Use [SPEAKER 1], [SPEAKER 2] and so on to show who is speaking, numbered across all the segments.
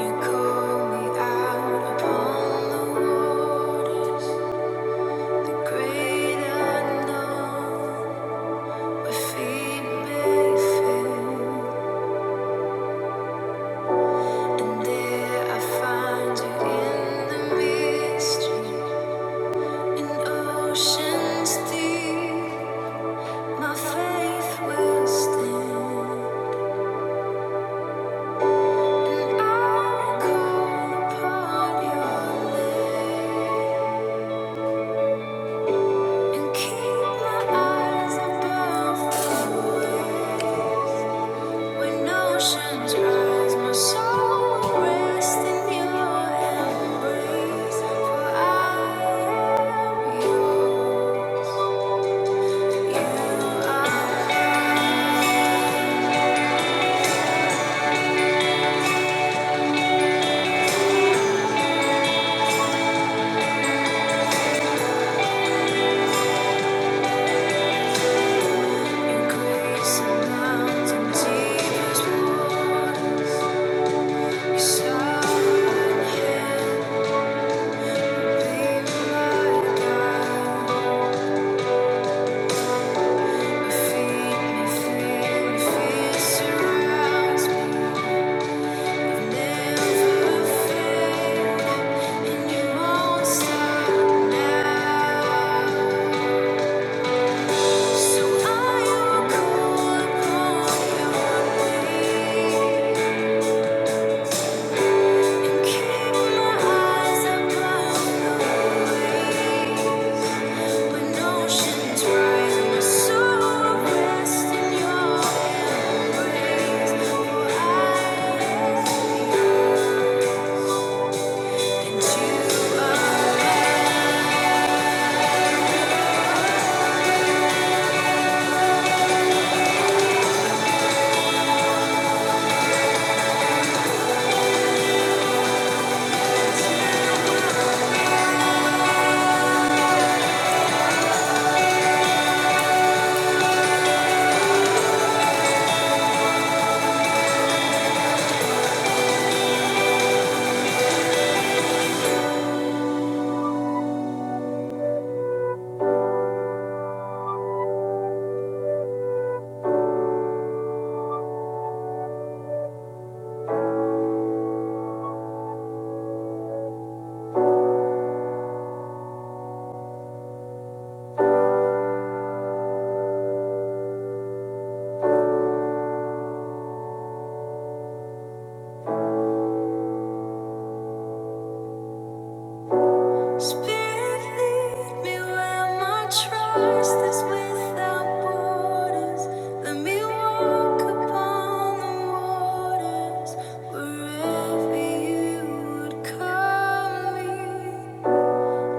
[SPEAKER 1] You call me out upon the waters, the great unknown, where feet may fail, and there I find you in the mystery, in oceans deep. My faith will stand, and I will call upon your name. And keep my eyes above When oceans rise, my soul rests in your embrace. For I am yours. You are increasing mountains and deepest waters. Your be my guide. Keep my eyes above the waves. Wherever you would call me.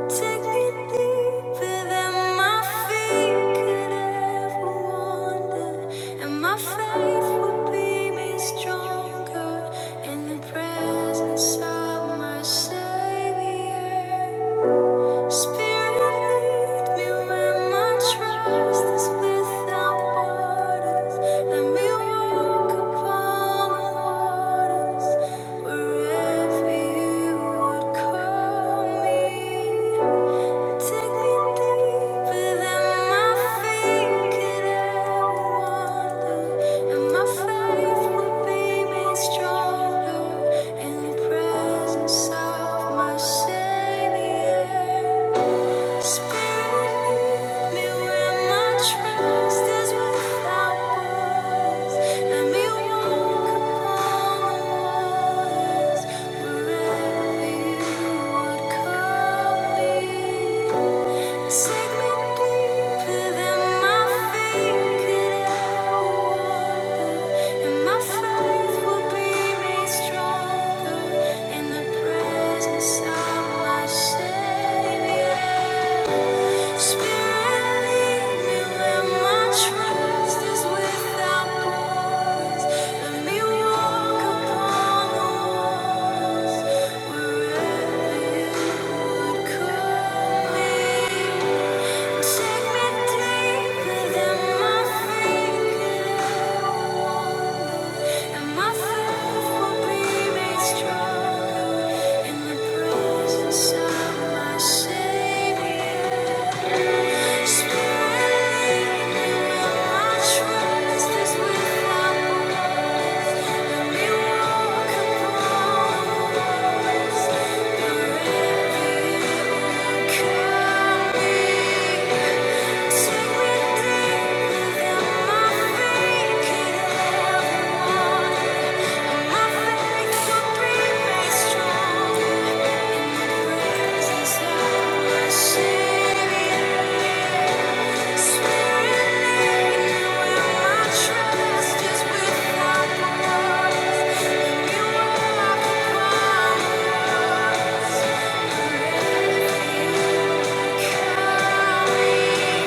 [SPEAKER 1] Take me deeper than my feet could ever wander, and my faith will be made stronger in the presence of my Savior. Spirit, lead me where my trust is without borders. Let me walk upon the waters wherever You would call me. Savior. Thank you Sink me deeper than my feet could ever wander, and my faith will be made stronger in the presence of my Savior. Spirit, lead me where Take me deeper than my fingers. And my faith will be made stronger in the presence of my Savior. Thank you Thank you Thank you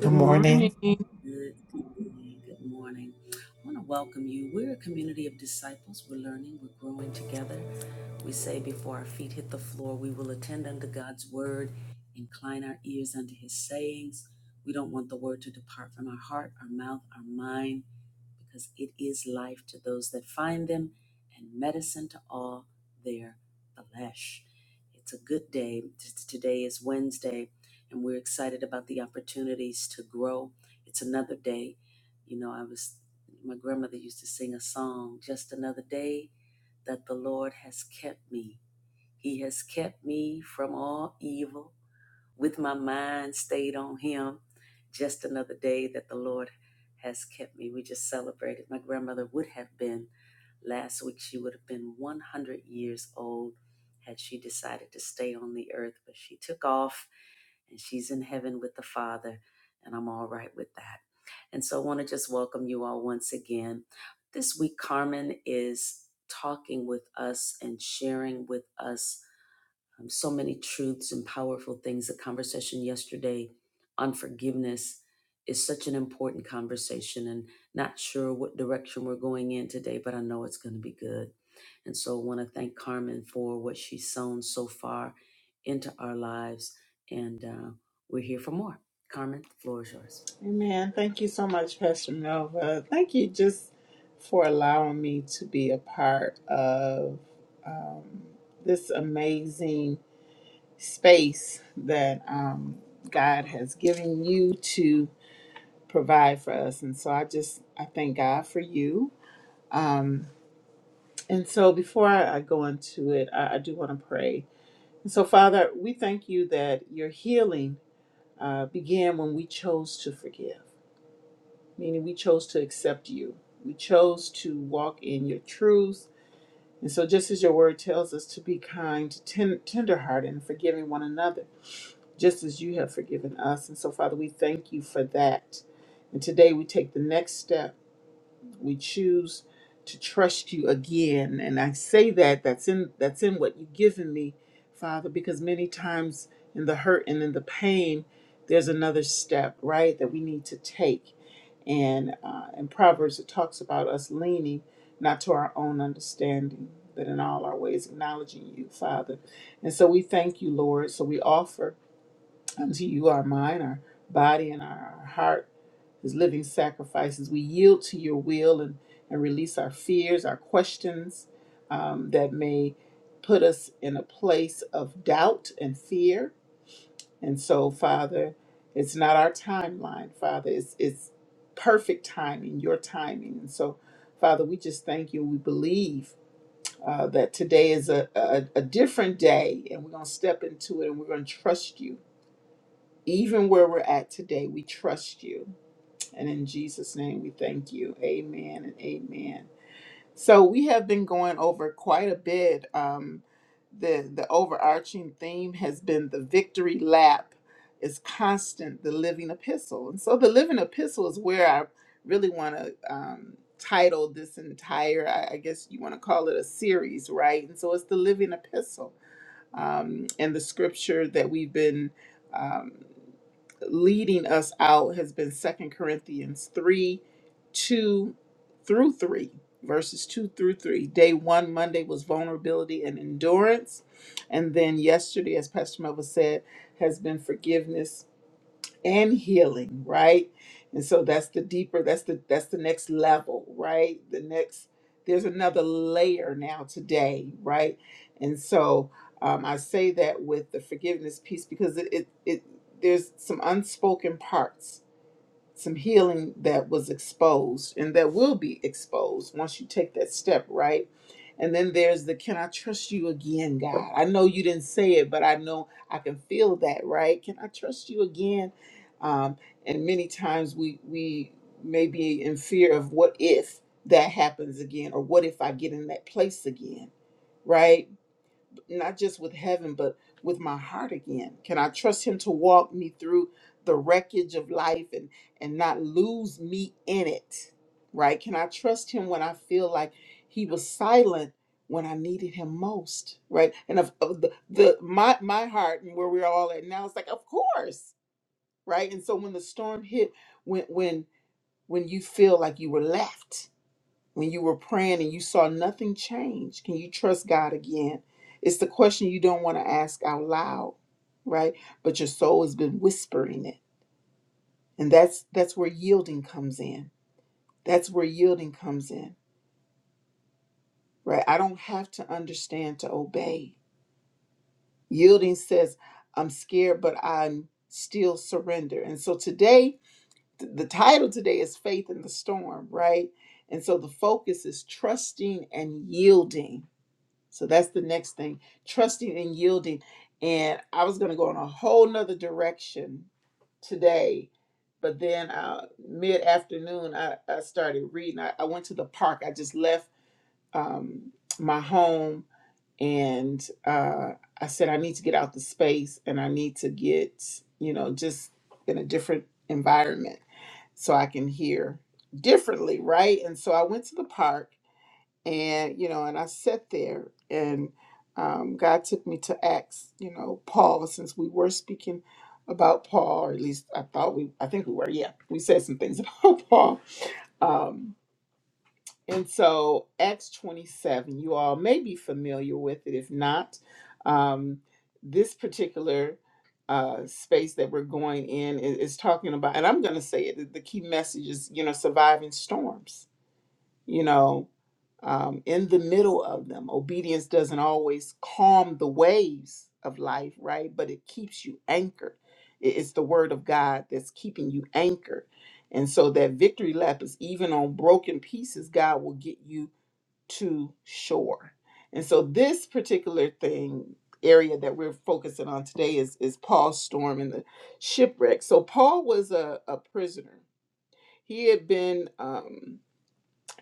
[SPEAKER 2] Good
[SPEAKER 3] morning.
[SPEAKER 2] morning. Amen. Thank you so much, Pastor Melva. Thank you just for allowing me to be a part of this amazing space that um, God has given you to provide for us. And so I just, I thank God for you. And so before I, I go into it, I, I do want to pray. And so, Father, we thank you that your healing uh, began when we chose to forgive. meaning we chose to accept you. We chose to walk in your truth. And so, just as your word tells us to be kind, ten- tenderhearted, and forgiving one another, just as you have forgiven us. And so, Father, we thank you for that. And today we take the next step we choose to trust you again and i say that that's in that's in what you've given me father because many times in the hurt and in the pain there's another step right that we need to take and uh, in proverbs it talks about us leaning not to our own understanding but in all our ways acknowledging you father and so we thank you lord so we offer Unto you our mind, our body, and our heart as living sacrifices. We yield to your will and, and release our fears, our questions um, that may put us in a place of doubt and fear. And so, Father, it's not our timeline, Father. It's, it's perfect timing, your timing. And so, Father, we just thank you. We believe uh, that today is a, a, a different day, and we're going to step into it and we're going to trust you even where we're at today, we trust you. And in Jesus' name, we thank you. Amen and amen. So we have been going over quite a bit. Um, the the overarching theme has been the victory lap is constant, the living epistle. And so the living epistle is where I really want to um, title this entire, I I guess you want to call it a series, right? And so it's the living epistle um, and the scripture that we've been um, leading us out has been Second Corinthians 3 2 through 3, verses 2 through 3. Day one, Monday, was vulnerability and endurance. And then yesterday, as Pastor Melva said, has been forgiveness and healing right and so that's the deeper that's the that's the next level right the next there's another layer now today right and so um, i say that with the forgiveness piece because it, it it there's some unspoken parts some healing that was exposed and that will be exposed once you take that step, right? And then there's the can I trust you again, God? I know you didn't say it, but I know I can feel that, right? Can I trust you again? Um, and many times we we may be in fear of what if that happens again, or what if I get in that place again, right? not just with heaven, but with my heart again? Can I trust Him to walk me through the wreckage of life and and not lose me in it? Right? Can I trust Him when I feel like He was silent when I needed Him most? Right? And of, of the, the my my heart and where we're all at now, it's like, of course, right? And so when the storm hit, when when when you feel like you were left, when you were praying and you saw nothing change? Can you trust God again? It's the question you don't want to ask out loud, right? But your soul has been whispering it. And that's that's where yielding comes in. That's where yielding comes in, right? I don't have to understand to obey. Yielding says, I'm scared, but I'm still surrender. And so today, th- the title today is Faith in the Storm, right? And so the focus is trusting and yielding So that's the next thing trusting and yielding. And I was going to go in a whole nother direction today. But then uh, mid afternoon, I, I started reading. I, I went to the park. I just left um, my home and uh, I said, I need to get out the space and I need to get, you know, just in a different environment so I can hear differently, right? And so I went to the park and you know and i sat there and um, god took me to acts you know paul since we were speaking about paul or at least i thought we i think we were yeah we said some things about paul um, and so acts 27 you all may be familiar with it if not um, this particular uh, space that we're going in is, is talking about and i'm going to say it the key message is you know surviving storms you know um, in the middle of them. Obedience doesn't always calm the waves of life, right? But it keeps you anchored. It- It's the word of God that's keeping you anchored. And so that victory lap is even on broken pieces, God will get you to shore. And so this particular thing, area that we're focusing on today is, is Paul's storm and the shipwreck. So Paul was a, a prisoner. He had been um,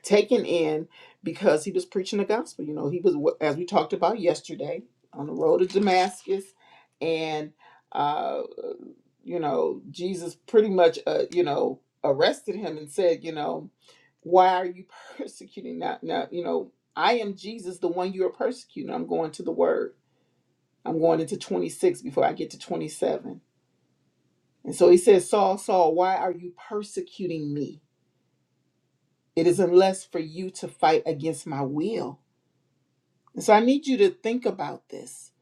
[SPEAKER 2] taken in because he was preaching the gospel. You know, he was, as we talked about yesterday, on the road to Damascus, and uh, you know, Jesus pretty much, uh, you know, arrested him and said, you know, why are you persecuting that? Now, you know, I am Jesus, the one you are persecuting. I'm going to the Word. I'm going into 26 before I get to 27. And so he says, Saul, Saul, why are you persecuting me? It is unless for you to fight against my will And so I need you to think about this.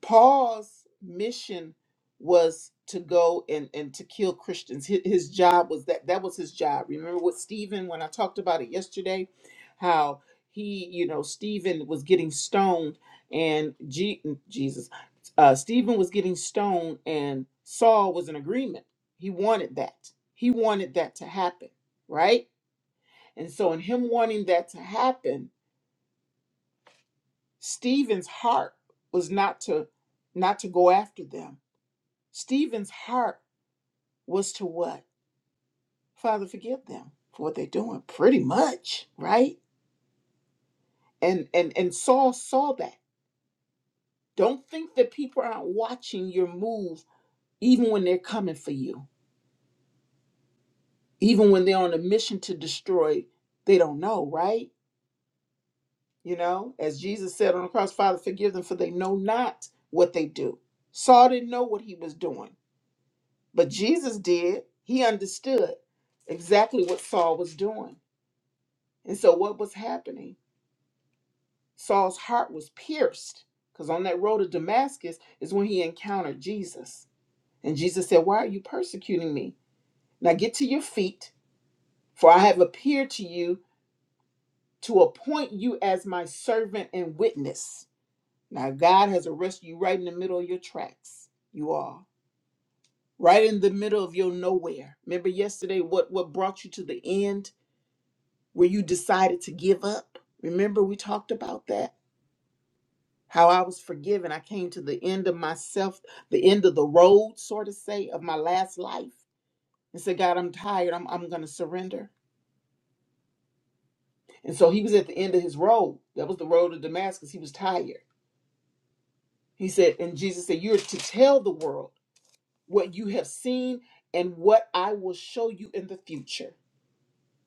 [SPEAKER 2] Paul's mission was to go and, and to kill Christians. Hi- His job was that that was his job. Remember what Stephen, when I talked about it yesterday, how he, you know, Stephen was getting stoned and G, mm, Jesus, uh, Stephen was getting stoned and Saul was in agreement. He wanted that. He wanted that to happen, right? And so in him wanting that to happen, Stephen's heart was not to not to go after them. Stephen's heart was to what? Father, forgive them for what they're doing. Pretty much, right? And and and Saul saw that. Don't think that people aren't watching your move, even when they're coming for you, even when they're on a mission to destroy. They don't know, right? You know, as Jesus said on the cross, Father, forgive them for they know not what they do. Saul didn't know what he was doing But Jesus did. He understood exactly what Saul was doing. And so, what was happening? Saul's heart was pierced because on that road to Damascus is when he encountered Jesus. And Jesus said, Why are you persecuting me? Now get to your feet, for I have appeared to you to appoint you as my servant and witness. Now, God has arrested you right in the middle of your tracks. You are right in the middle of your nowhere. Remember yesterday what, what brought you to the end? where you decided to give up. Remember, we talked about that? How I was forgiven. I came to the end of myself, the end of the road, sort of say, of my last life and said, God, I'm tired. I'm, I'm going to surrender. And so he was at the end of his road. That was the road of Damascus. He was tired. He said, and Jesus said, You're to tell the world what you have seen and what I will show you in the future.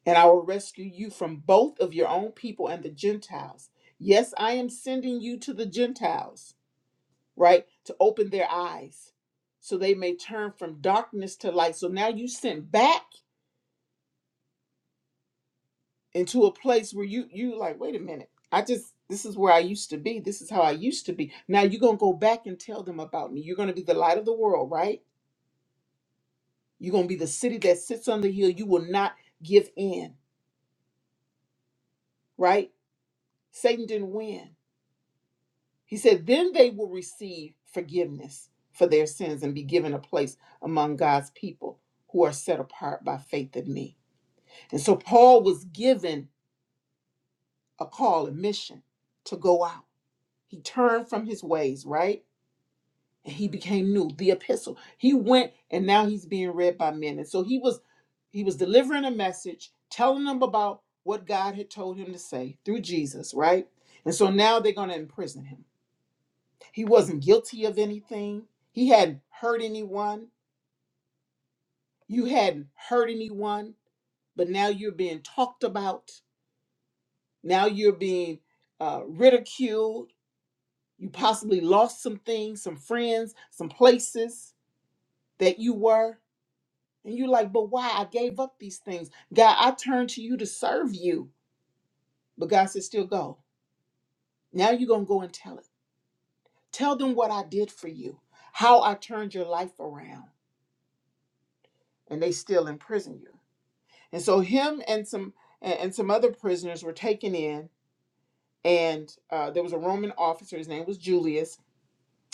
[SPEAKER 2] And I will rescue you from both of your own people and the Gentiles. Yes, I am sending you to the Gentiles right? To open their eyes so they may turn from darkness to light. So now you sent back into a place where you you like, wait a minute, I just this is where I used to be. This is how I used to be. Now you're gonna go back and tell them about me. You're gonna be the light of the world, right? You're gonna be the city that sits on the hill. You will not give in, right? Satan didn't win. He said, then they will receive forgiveness for their sins and be given a place among God's people who are set apart by faith in me. And so Paul was given a call, a mission to go out. He turned from his ways, right? And he became new, the epistle. He went and now he's being read by men. And so he was he was delivering a message, telling them about what God had told him to say through Jesus, right? And so now they're going to imprison him. He wasn't guilty of anything. He hadn't hurt anyone. You hadn't hurt anyone, but now you're being talked about. Now you're being uh, ridiculed You possibly lost some things, some friends, some places that you were. And you're like, but why? I gave up these things. God, I turned to you to serve you. But God said, still go. Now you're going to go and tell it. Tell them what I did for you, how I turned your life around. And they still imprison you. And so him and some and and some other prisoners were taken in. And uh, there was a Roman officer. His name was Julius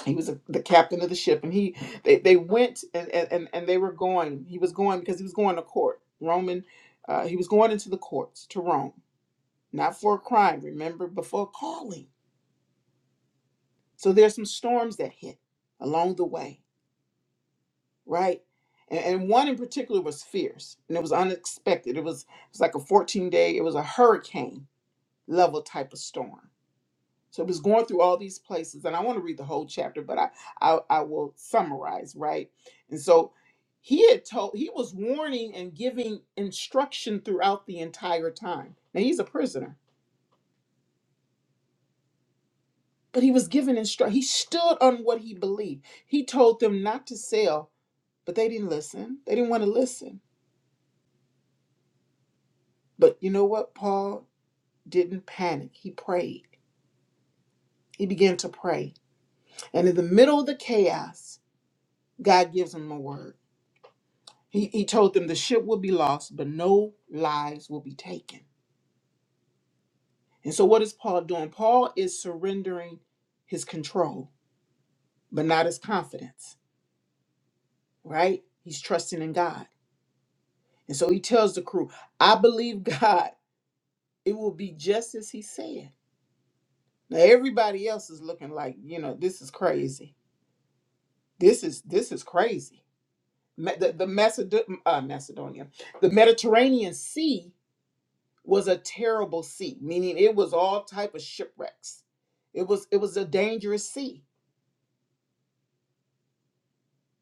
[SPEAKER 2] he was a, the captain of the ship and he they, they went and, and and they were going he was going because he was going to court roman uh, he was going into the courts to rome not for a crime remember before calling so there's some storms that hit along the way right and, and one in particular was fierce and it was unexpected it was it was like a 14 day it was a hurricane level type of storm So it was going through all these places, and I want to read the whole chapter, but I, I I will summarize, right? And so he had told he was warning and giving instruction throughout the entire time. Now he's a prisoner, but he was given instruction. He stood on what he believed. He told them not to sell, but they didn't listen. They didn't want to listen. But you know what? Paul didn't panic. He prayed. He began to pray. And in the middle of the chaos, God gives him a word. He, he told them the ship will be lost, but no lives will be taken. And so, what is Paul doing? Paul is surrendering his control, but not his confidence, right? He's trusting in God. And so, he tells the crew, I believe God, it will be just as he said. Now, everybody else is looking like, you know, this is crazy. This is this is crazy. Me- The, the Macedo- uh, Macedonia, the Mediterranean Sea was a terrible sea, meaning it was all type of shipwrecks. It was it was a dangerous sea.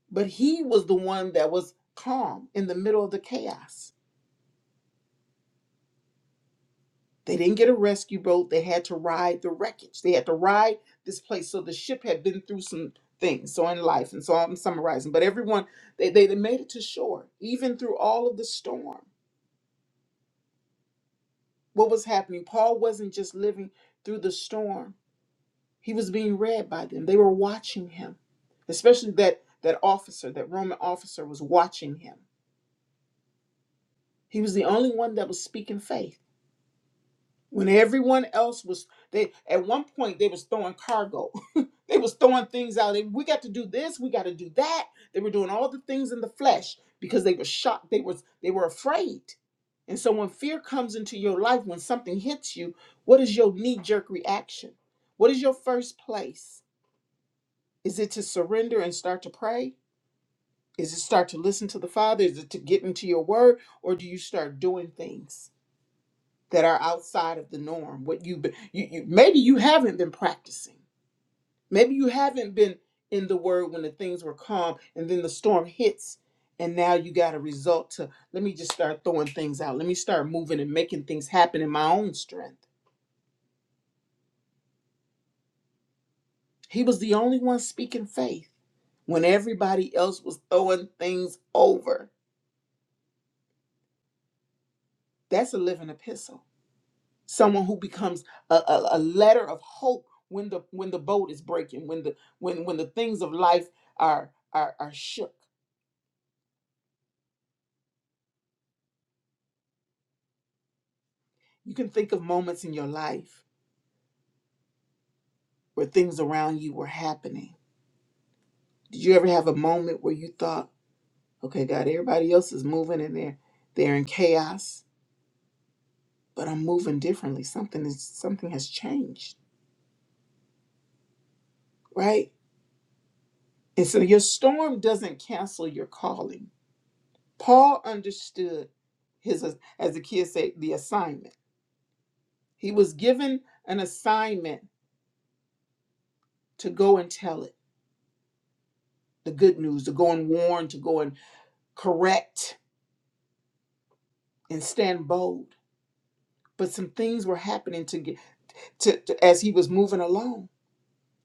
[SPEAKER 2] But he was the one that was calm in the middle of the chaos. They didn't get a rescue boat. They had to ride the wreckage. They had to ride this place. So the ship had been through some things. So in life, and so I'm summarizing. But everyone, they, they they made it to shore, even through all of the storm. What was happening? Paul wasn't just living through the storm He was being read by them. They were watching him. Especially that that officer, that Roman officer was watching him. He was the only one that was speaking faith. When everyone else was they at one point they was throwing cargo. they was throwing things out. They, we got to do this, we got to do that. They were doing all the things in the flesh because they were shocked. They was they were afraid. And so when fear comes into your life, when something hits you, what is your knee-jerk reaction? What is your first place? Is it to surrender and start to pray? Is it start to listen to the Father? Is it to get into your word? Or do you start doing things that are outside of the norm? What you've been, you, you maybe you haven't been practicing. Maybe you haven't been in the word when the things were calm and then the storm hits and now you got a result to let me just start throwing things out. Let me start moving and making things happen in my own strength. He was the only one speaking faith when everybody else was throwing things over. That's a living epistle. Someone who becomes a, a, a letter of hope when the when the boat is breaking, when the when when the things of life are are, are shook. You can think of moments in your life where things around you were happening. Did you ever have a moment where you thought, okay, God, everybody else is moving and they're they're in chaos, but I'm moving differently. Something is something has changed, right? And so your storm doesn't cancel your calling Paul understood his, as the kids say, the assignment. He was given an assignment to go and tell it, the good news, to go and warn, to go and correct and stand bold. But some things were happening to get to, to as he was moving along.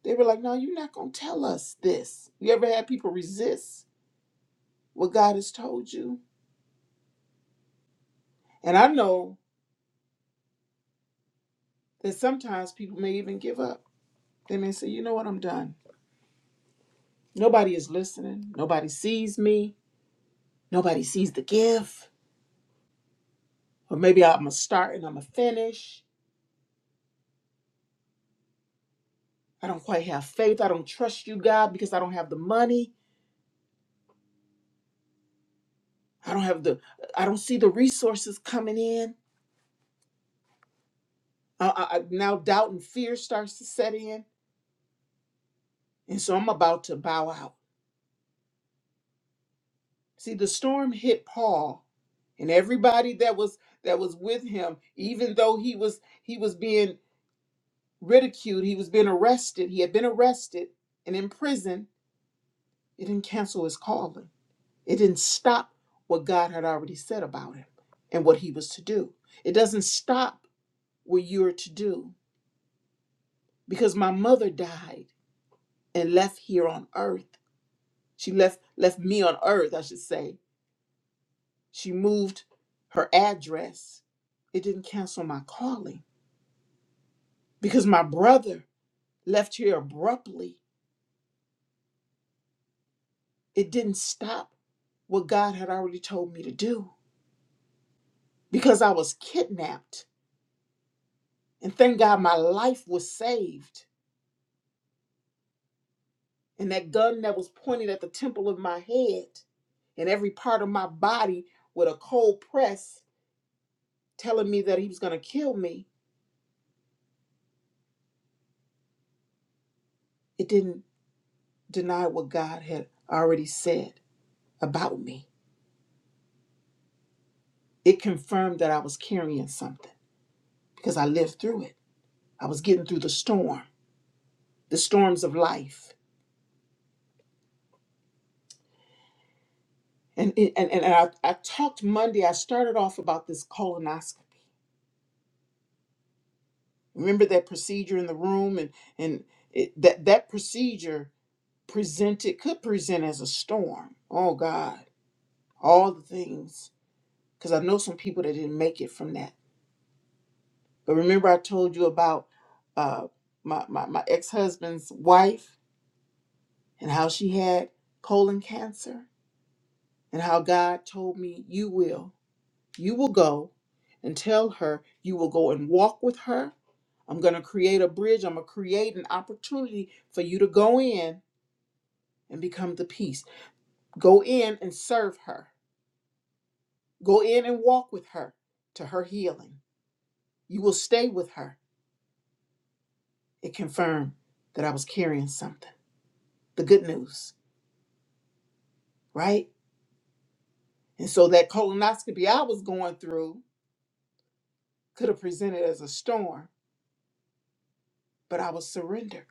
[SPEAKER 2] They were like, "No, you're not going to tell us this." You ever had people resist what God has told you? And I know that sometimes people may even give up. They may say, "You know what? I'm done. Nobody is listening. Nobody sees me Nobody sees the gift. Or maybe I'm going to start and I'm going to finish. I don't quite have faith. I don't trust you, God, because I don't have the money. I don't have the, I don't see the resources coming in. I, I, I- now doubt and fear starts to set in. And so I'm about to bow out. See, the storm hit Paul and everybody that was that was with him even though he was he was being ridiculed he was being arrested he had been arrested and in prison it didn't cancel his calling It didn't stop what God had already said about him and what he was to do. It doesn't stop what you're to do because my mother died and left here on earth. She left left me on earth, I should say. She moved her address. It didn't cancel my calling because my brother left here abruptly. It didn't stop what God had already told me to do because I was kidnapped. And thank God my life was saved And that gun that was pointed at the temple of my head and every part of my body with a cold press telling me that he was going to kill me, it didn't deny what God had already said about me. It confirmed that I was carrying something because I lived through it. I was getting through the storm, the storms of life. And, and, and I, I talked Monday, I started off about this colonoscopy. Remember that procedure in the room and, and it, that, that procedure presented could present as a storm. Oh God, all the things. Because I know some people that didn't make it from that. But remember, I told you about uh, my my, my ex husband's wife and how she had colon cancer and how God told me, "You will, you will go." And tell her you will go and walk with her. I'm going to create a bridge. I'm going to create an opportunity for you to go in and become the peace. Go in and serve her Go in and walk with her to her healing. You will stay with her. It confirmed that I was carrying something, the good news, right? And so that colonoscopy I was going through could have presented as a storm, but I was surrendered.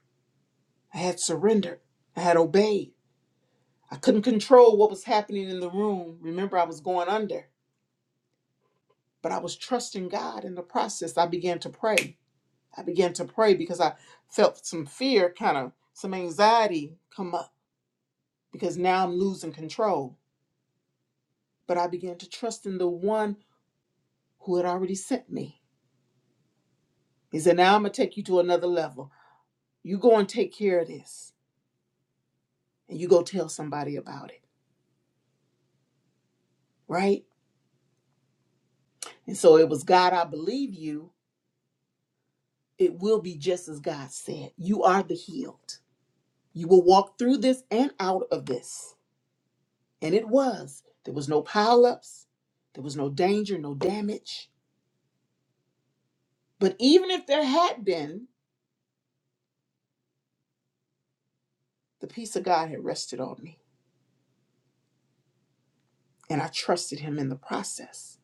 [SPEAKER 2] I had surrendered. I had obeyed. I couldn't control what was happening in the room. Remember, I was going under, but I was trusting God in the process. I began to pray. I began to pray because I felt some fear, kind of some anxiety come up because now I'm losing control. But I began to trust in the one who had already sent me. He said, Now I'm going to take you to another level. You go and take care of this, and you go tell somebody about it, right? And so it was God, I believe you. It will be just as God said. You are the healed. You will walk through this and out of this. And it was. There was no pileups, there was no danger, no damage. But even if there had been, the peace of God had rested on me. and I trusted him in the process.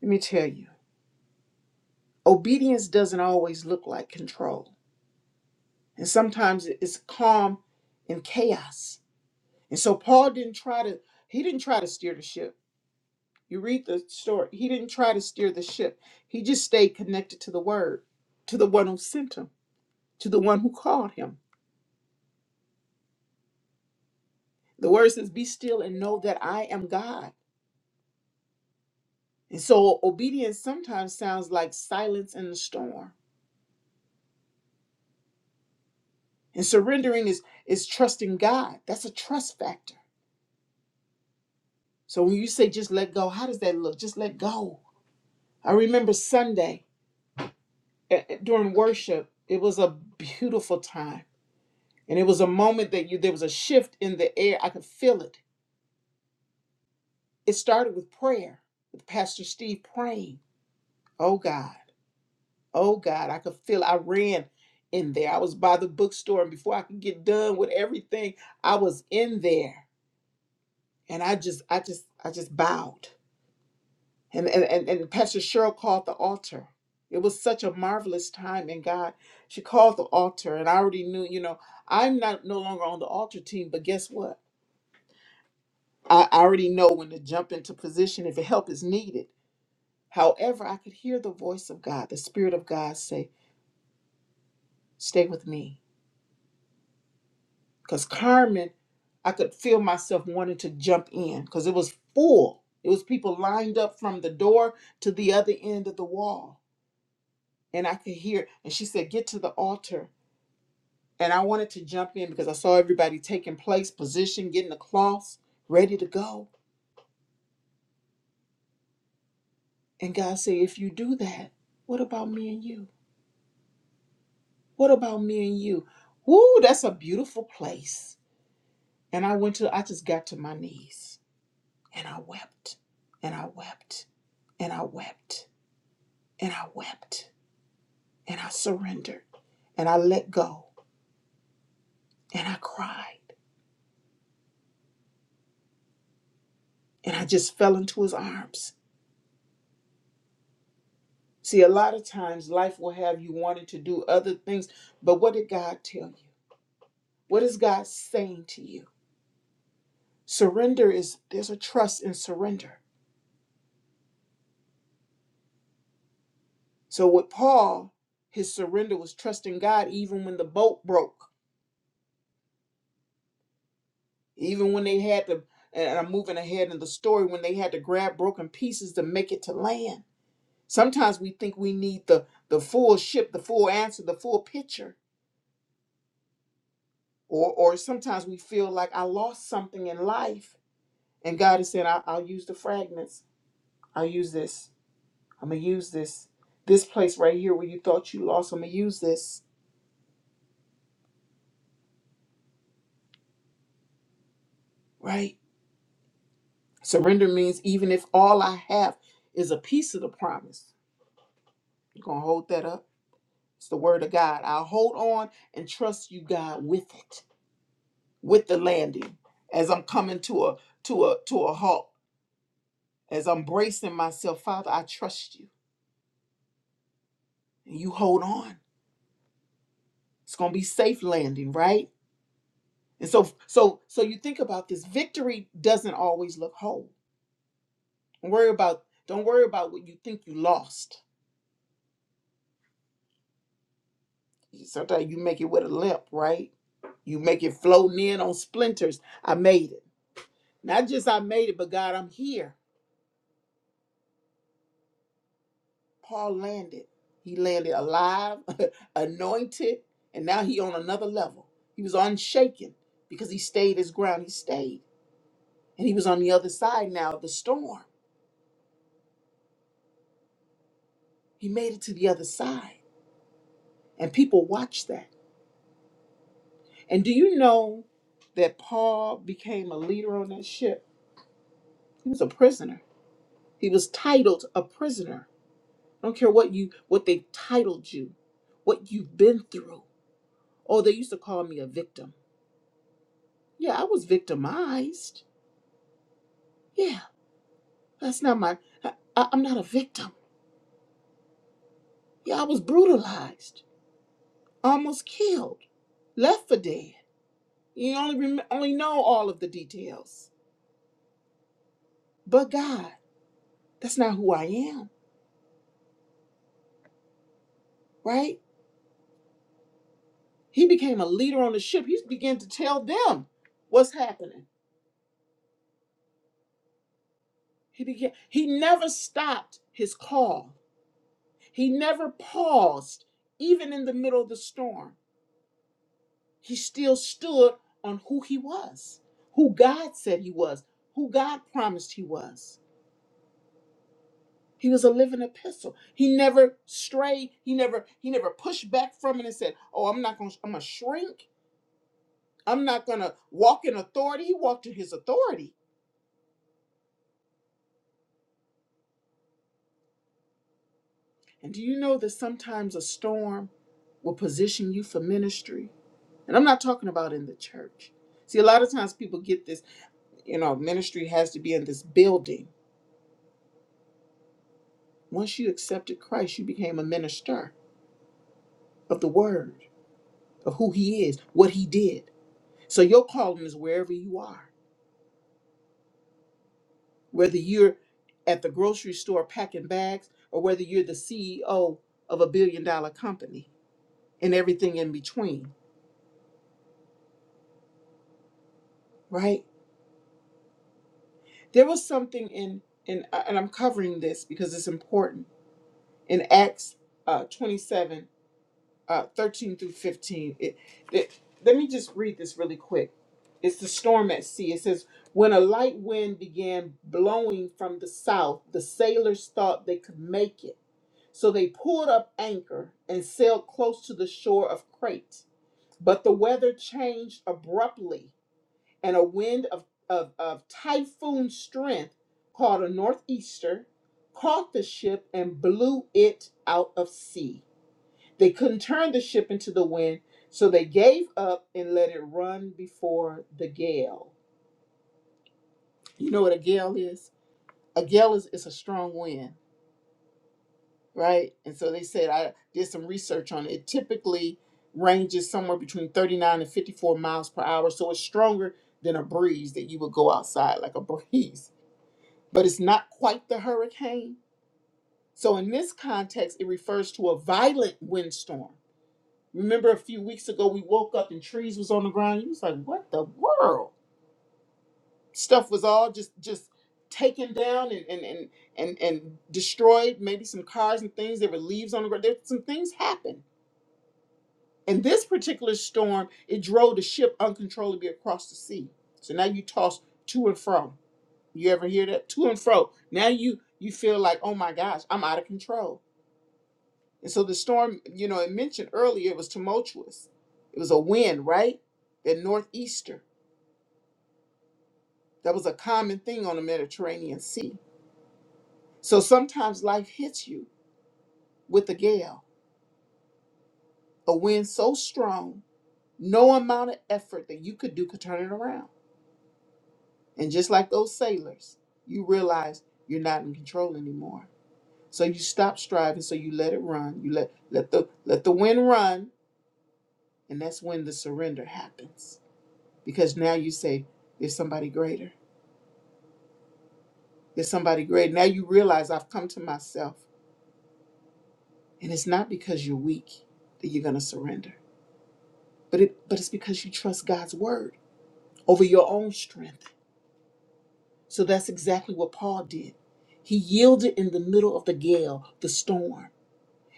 [SPEAKER 2] Let me tell you, obedience doesn't always look like control, and sometimes it's calm and chaos. And so Paul didn't try to he didn't try to steer the ship. You read the story. He didn't try to steer the ship. He just stayed connected to the word, to the one who sent him, to the one who called him. The word says, "Be still and know that I am God." And so obedience sometimes sounds like silence in the storm. And surrendering is is trusting God. That's a trust factor. So when you say just let go, how does that look? Just let go. I remember Sunday eh, eh, during worship, it was a beautiful time. And it was a moment that you there was a shift in the air. I could feel it. It started with prayer, with Pastor Steve praying. Oh God, oh God, I could feel I ran in there. I was by the bookstore and before I could get done with everything, I was in there. And I just I just I just bowed. And, and, and, and Pastor Cheryl called the altar. It was such a marvelous time in God. She called the altar, and I already knew, you know, I'm not no longer on the altar team, but guess what? I I already know when to jump into position if help is needed. However, I could hear the voice of God, the Spirit of God say, Stay with me. Because Carmen, I could feel myself wanting to jump in because it was full. It was people lined up from the door to the other end of the wall. And I could hear, and she said, Get to the altar And I wanted to jump in because I saw everybody taking place, position, getting the cloths ready to go. And God said, if you do that, what about me and you? What about me and you? Woo, that's a beautiful place. And I went to, I just got to my knees and I wept and I wept and I wept and I wept and I surrendered and I let go and I cried and I just fell into his arms See, a lot of times life will have you wanting to do other things, but what did God tell you? What is God saying to you? Surrender is there's a trust in surrender. So with Paul, his surrender was trusting God even when the boat broke, even when they had to and I'm moving ahead in the story when they had to grab broken pieces to make it to land. Sometimes we think we need the the full ship, the full answer, the full picture. Or or sometimes we feel like I lost something in life And God has said, I- I'll use the fragments. I'll use this. I'm going to use this. This place right here where you thought you lost, I'm going to use this, right? Surrender means even if all I have is a piece of the promise, you're going to hold that up. It's the word of God. I'll hold on and trust you, God, with it, with the landing. As I'm coming to a to a to a halt, as I'm bracing myself, Father, I trust you. And you hold on. It's gonna be safe landing, right? And so so so you think about this victory doesn't always look whole. Don't worry about don't worry about what you think you lost. Sometimes you make it with a limp, right? You make it floating in on splinters. I made it. Not just I made it, but God, I'm here. Paul landed. He landed alive, anointed, and now he on another level. He was unshaken because he stayed his ground. He stayed. And he was on the other side now of the storm. He made it to the other side. And people watched that. And do you know that Paul became a leader on that ship? He was a prisoner. He was titled a prisoner. I don't care what you what they titled you, what you've been through. Oh, they used to call me a victim. Yeah, I was victimized. Yeah, that's not my. I, I- I'm not a victim. Yeah, I was brutalized, almost killed, left for dead. You only rem- only know all of the details, but God, that's not who I am, right? He became a leader on the ship. He began to tell them what's happening. He began he never stopped his call. He never paused even in the middle of the storm. He still stood on who he was, who God said he was, who God promised he was. He was a living epistle. He never strayed. He never he never pushed back from it and said, "Oh, I'm not going to I'm going to shrink. I'm not going to walk in authority." He walked in his authority. And do you know that sometimes a storm will position you for ministry? And I'm not talking about in the church. See, a lot of times people get this, you know, ministry has to be in this building. Once you accepted Christ, you became a minister of the word, of who he is, what he did. So your calling is wherever you are, whether you're at the grocery store packing bags or whether you're the CEO of a billion dollar company and everything in between, right? There was something in in uh, and I'm covering this because it's important in Acts uh, 27, uh, 13 through 15. It, it, let me just read this really quick. It's the storm at sea. It says, when a light wind began blowing from the south, the sailors thought they could make it. So they pulled up anchor and sailed close to the shore of Crete. But the weather changed abruptly and a wind of, of, of typhoon strength called a northeaster caught the ship and blew it out of sea. They couldn't turn the ship into the wind, so they gave up and let it run before the gale. You know what a gale is? A gale is, is a strong wind, right? And so they said, I did some research on it. It typically ranges somewhere between 39 and 54 miles per hour, so it's stronger than a breeze that you would go outside, like a breeze but it's not quite the hurricane. So, in this context, it refers to a violent windstorm. Remember a few weeks ago we woke up and trees was on the ground. You was like, what the world? Stuff was all just just taken down and and and and, and destroyed, maybe some cars and things. There were leaves on the ground. There some things happened. And this particular storm, it drove the ship uncontrollably across the sea. So now you toss to and fro. You ever hear that? To and fro. Now you you feel like, oh my gosh, I'm out of control And so the storm, you know, I mentioned earlier, it was tumultuous. It was a wind, right? That northeaster. That was a common thing on the Mediterranean Sea. So sometimes life hits you with a gale, a wind so strong, no amount of effort that you could do could turn it around. And just like those sailors, you realize you're not in control anymore. So you stop striving, so you let it run. You let let the let the wind run, and that's when the surrender happens because now you say there's somebody greater there's somebody greater now you realize i've come to myself and it's not because you're weak that you're going to surrender but it but it's because you trust god's word over your own strength so that's exactly what paul did he yielded in the middle of the gale the storm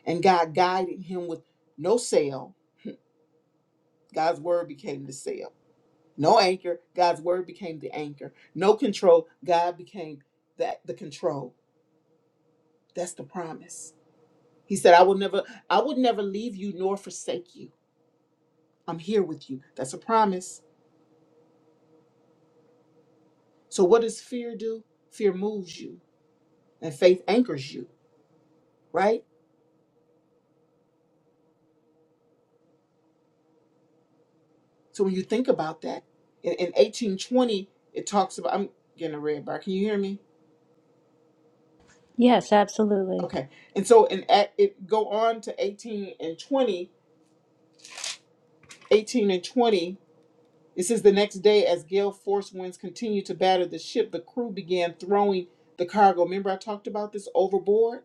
[SPEAKER 2] and god guided him with no sail god's word became the sail no anchor god's word became the anchor no control god became that the control that's the promise He said, I will never, I would never leave you nor forsake you. I'm here with you. That's a promise. So what does fear do? Fear moves you and faith anchors you, right? So when you think about that, in, in 1820, it talks about I'm getting a red bar. Can you hear me?
[SPEAKER 4] Yes, absolutely.
[SPEAKER 2] Okay. And so in at it go on to 18 and 20, 18 and 20. It says the next day, as gale force winds continued to batter the ship, the crew began throwing the cargo. Remember, I talked about this overboard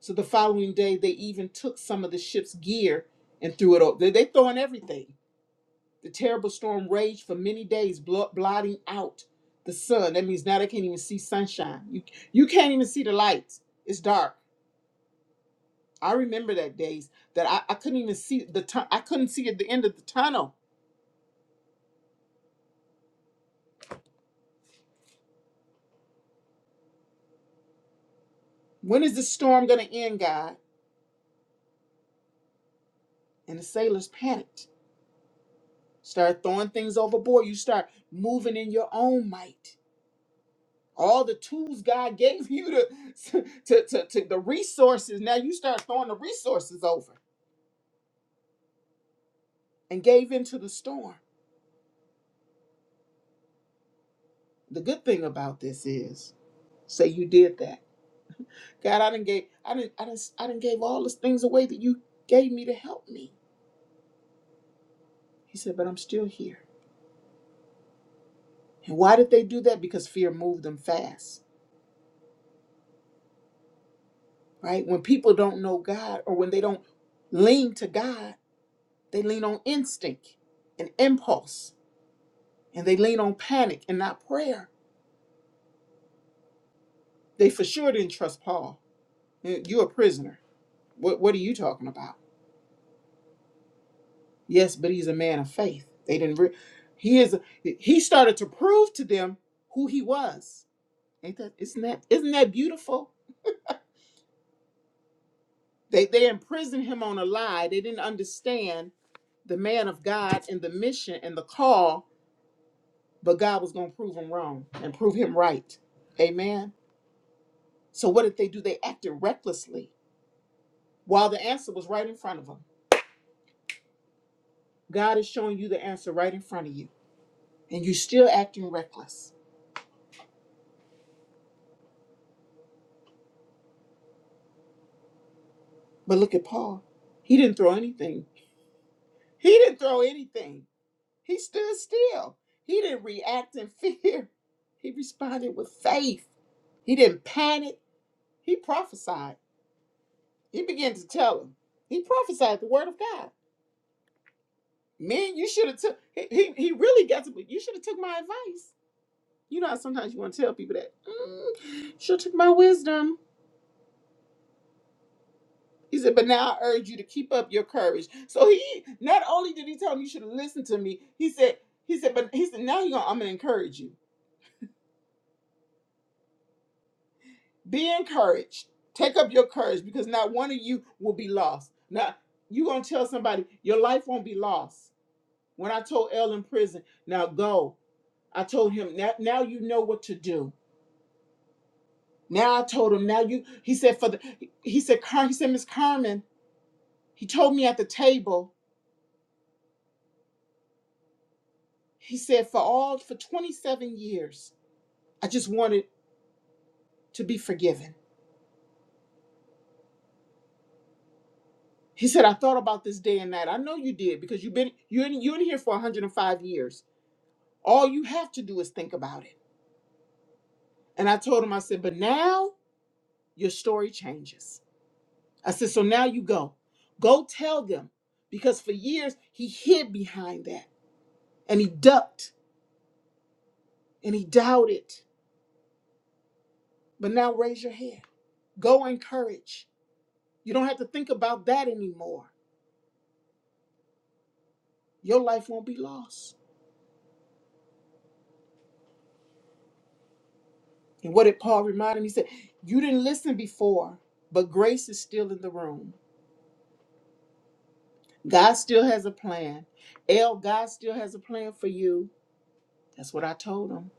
[SPEAKER 2] So the following day, they even took some of the ship's gear and threw it over. They, they throwing everything. The terrible storm raged for many days, blo- blotting out the sun. That means now they can't even see sunshine. You, you can't even see the lights. It's dark. I remember that days that I, I couldn't even see the tu- I couldn't see at the end of the tunnel. When is the storm gonna end, God? And the sailors panicked. Start throwing things overboard. You start moving in your own might all the tools God gave you to, to, to, to the resources. Now you start throwing the resources over and gave into the storm. The good thing about this is, say you did that. God, I didn't gave, I didn't, I didn't, I didn't gave all those things away that you gave me to help me. He said, but I'm still here. And why did they do that? Because fear moved them fast, right? When people don't know God or when they don't lean to God, they lean on instinct and impulse and they lean on panic and not prayer They for sure didn't trust Paul. Eh, You're a prisoner. What What are you talking about? Yes, but he's a man of faith. They didn't. Re- he is. He started to prove to them who he was. Ain't that? Isn't that? Isn't that beautiful? They They imprisoned him on a lie. They didn't understand the man of God and the mission and the call. But God was going to prove him wrong and prove him right. Amen. So what did they do? They acted recklessly while the answer was right in front of them. God is showing you the answer right in front of you. and you're still acting reckless. But look at Paul. He didn't throw anything. He didn't throw anything. He stood still. He didn't react in fear. He responded with faith. He didn't panic. He prophesied. He began to tell him. He prophesied the word of God. Man, you should have took. He, he, he really got to. be- You should have took my advice. You know how sometimes you want to tell people that. Mm, should have took my wisdom. He said, but now I urge you to keep up your courage. So he not only did he tell me you should listen to me, he said, he said, but he said, now he gonna, I'm gonna encourage you. Be encouraged. Take up your courage because not one of you will be lost. Now you gonna tell somebody your life won't be lost. When I told L in prison, now go. I told him now, now you know what to do. Now I told him, now you he said for the he said, Car- he said, Miss Carmen, he told me at the table, he said, for all for 27 years. I just wanted to be forgiven. He said, I thought about this day and night. I know you did because you've been you're in, you're in here for 105 years. All you have to do is think about it. And I told him, I said, but now your story changes. I said, so now you go. Go tell them. Because for years he hid behind that and he ducked and he doubted. But now raise your head. Go encourage. You don't have to think about that anymore. Your life won't be lost. And what did Paul remind him? He said, You didn't listen before, but grace is still in the room. God still has a plan. El, God still has a plan for you. That's what I told him.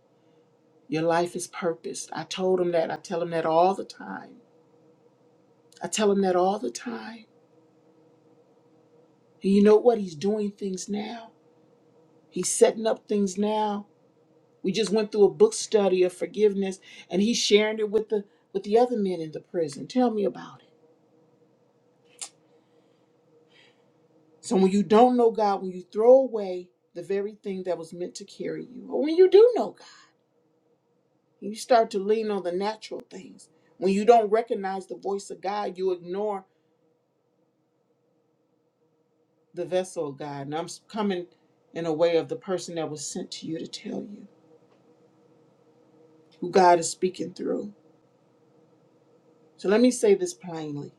[SPEAKER 2] Your life is purposed. I told him that. I tell him that all the time. I tell him that all the time. And you know what? He's doing things now. He's setting up things now. We just went through a book study of forgiveness and he's sharing it with the with the other men in the prison. Tell me about it. So when you don't know God, when you throw away the very thing that was meant to carry you, or when you do know God, you start to lean on the natural things. When you don't recognize the voice of God, you ignore the vessel of God. And I'm coming in a way of the person that was sent to you to tell you who God is speaking through. So let me say this plainly.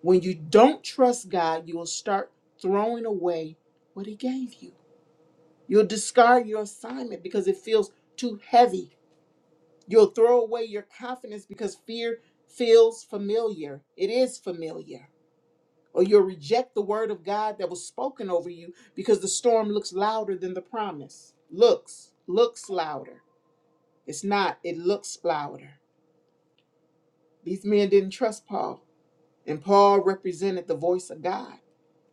[SPEAKER 2] When you don't trust God, you will start throwing away what He gave you. You'll discard your assignment because it feels too heavy You'll throw away your confidence because fear feels familiar. It is familiar. Or you'll reject the word of God that was spoken over you because the storm looks louder than the promise. Looks, looks louder. It's not, it looks louder. These men didn't trust Paul, and Paul represented the voice of God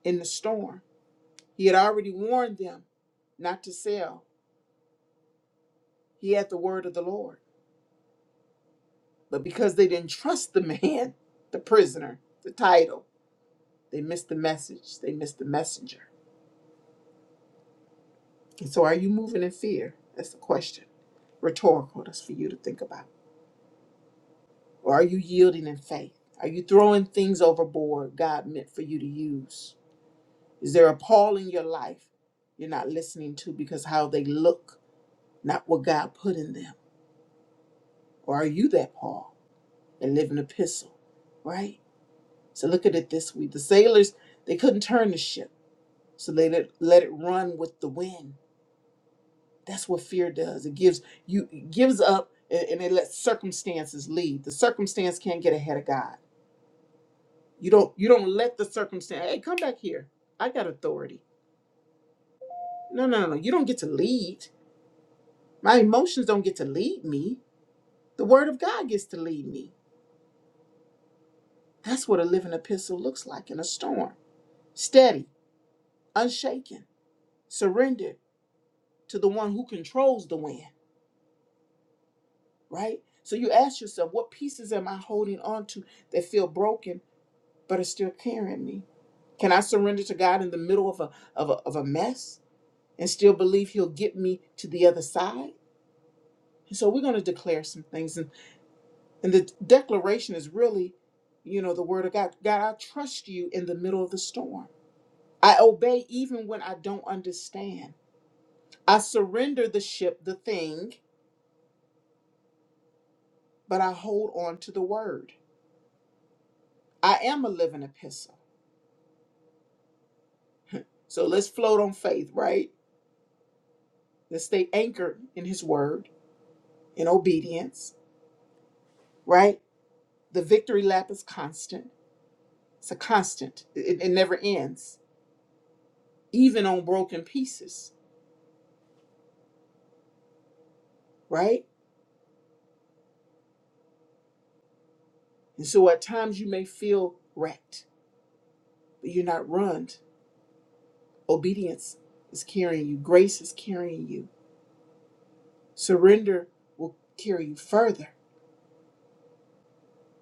[SPEAKER 2] in the storm. He had already warned them not to sell. He had the word of the Lord. But because they didn't trust the man, the prisoner, the title, They missed the message. They missed the messenger. And so are you moving in fear? That's the question. Rhetorical. That's for you to think about. Or are you yielding in faith? Are you throwing things overboard God meant for you to use? Is there a Paul in your life you're not listening to because how they look, not what God put in them? Or are you that Paul and live an epistle? Right? So look at it this way. The sailors, they couldn't turn the ship. So they let, let it run with the wind That's what fear does. It gives you it gives up and, and it lets circumstances lead. The circumstance can't get ahead of God. You don't you don't let the circumstance hey come back here. I got authority. No, no, no. no. You don't get to lead. My emotions don't get to lead me. The word of God gets to lead me. That's what a living epistle looks like in a storm. Steady, unshaken, surrendered to the one who controls the wind, right? So you ask yourself, what pieces am I holding on to that feel broken but it's still carrying me. Can I surrender to God in the middle of a of a, of a mess and still believe He'll get me to the other side? And so we're going to declare some things, and and the declaration is really, you know, the word of God. God, I trust you in the middle of the storm. I obey even when I don't understand. I surrender the ship, the thing, but I hold on to the word. I am a living epistle. So let's float on faith, right? Let's stay anchored in His word, in obedience right? The victory lap is constant. It's a constant. It, it never ends, even on broken pieces, right? And so at times you may feel wrecked, but you're not run. Obedience is carrying you, grace is carrying you. Surrender will carry you further,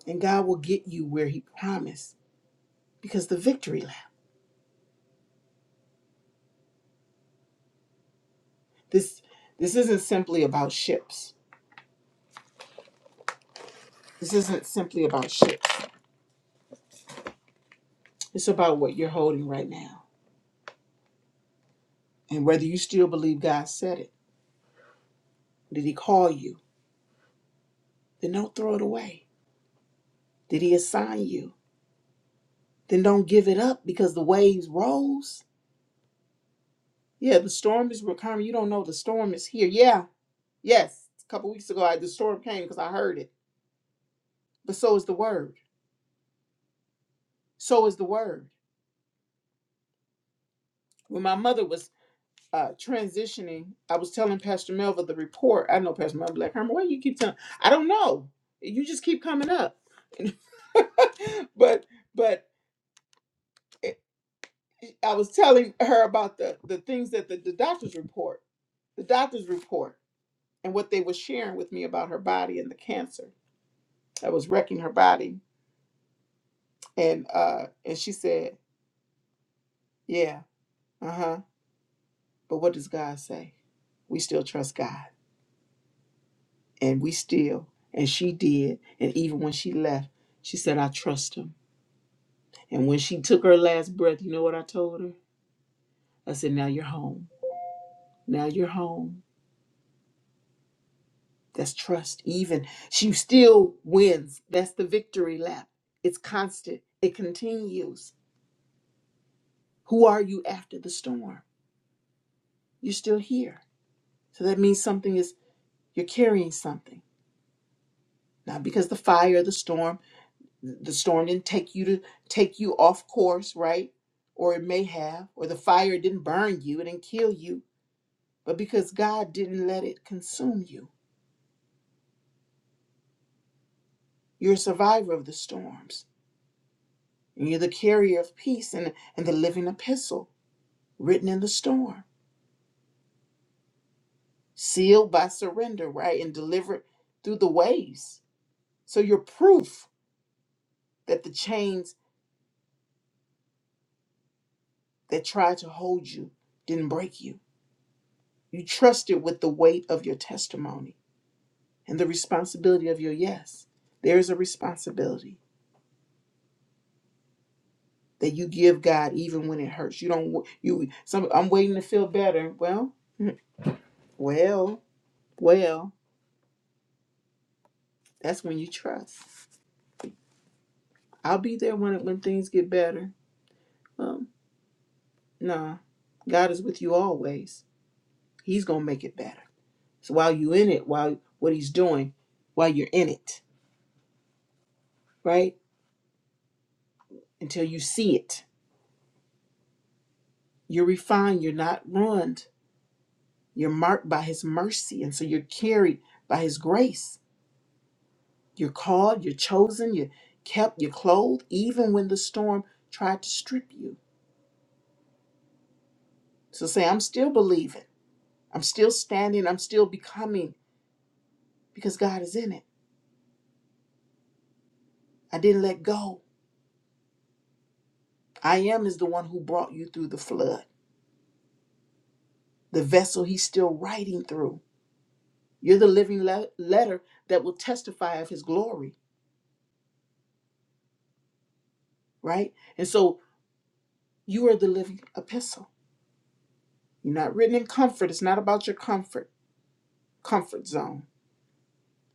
[SPEAKER 2] and God will get you where He promised because the victory lap. This this isn't simply about ships. This isn't simply about ships. It's about what you're holding right now and whether you still believe God said it Did he call you? Then don't throw it away. Did he assign you? Then don't give it up because the waves rose. Yeah, the storm is coming. You don't know the storm is here. Yeah, yes. A couple weeks ago, I, the storm came because I heard it. But so is the word. So is the word. When my mother was uh, transitioning, I was telling Pastor Melva the report. I know Pastor Melva Black Herman. Why you keep telling? I don't know. You just keep coming up. but but I was telling her about the the things that the, the doctors report, the doctors report, and what they were sharing with me about her body and the cancer that was wrecking her body. And uh, and she said, "Yeah, uh huh." But what does God say? We still trust God, and we still, and she did, and even when she left, she said, "I trust Him." And when she took her last breath, you know what I told her? I said, "Now you're home. Now you're home." That's trust. Even she still wins. That's the victory lap. It's constant, it continues. Who are you after the storm? You're still here. So that means something is, you're carrying something. Not because the fire, the storm, the storm didn't take you to take you off course, right? Or it may have, or the fire didn't burn you, it didn't kill you, but because God didn't let it consume you. You're a survivor of the storms. And you're the carrier of peace and, and the living epistle written in the storm, sealed by surrender, right? And delivered through the waves. So you're proof that the chains that tried to hold you didn't break you. You trusted with the weight of your testimony and the responsibility of your yes. There is a responsibility that you give God even when it hurts. You don't wa- you some I'm waiting to feel better. Well, well, well, that's when you trust. I'll be there when when things get better. Um, Nah, God is with you always. He's gonna make it better. So while you in it, while what He's doing, while you're in it, right? Until you see it, you're refined. You're not ruined. You're marked by His mercy, and so you're carried by His grace. You're called. You're chosen. You're kept. You're clothed, even when the storm tried to strip you. So say, I'm still believing. I'm still standing. I'm still becoming because God is in it. I didn't let go. I am is the one who brought you through the flood. the vessel he's still writing through. You're the living le- letter that will testify of his glory, right? And so you are the living epistle. You're not written in comfort. It's not about your comfort, comfort zone,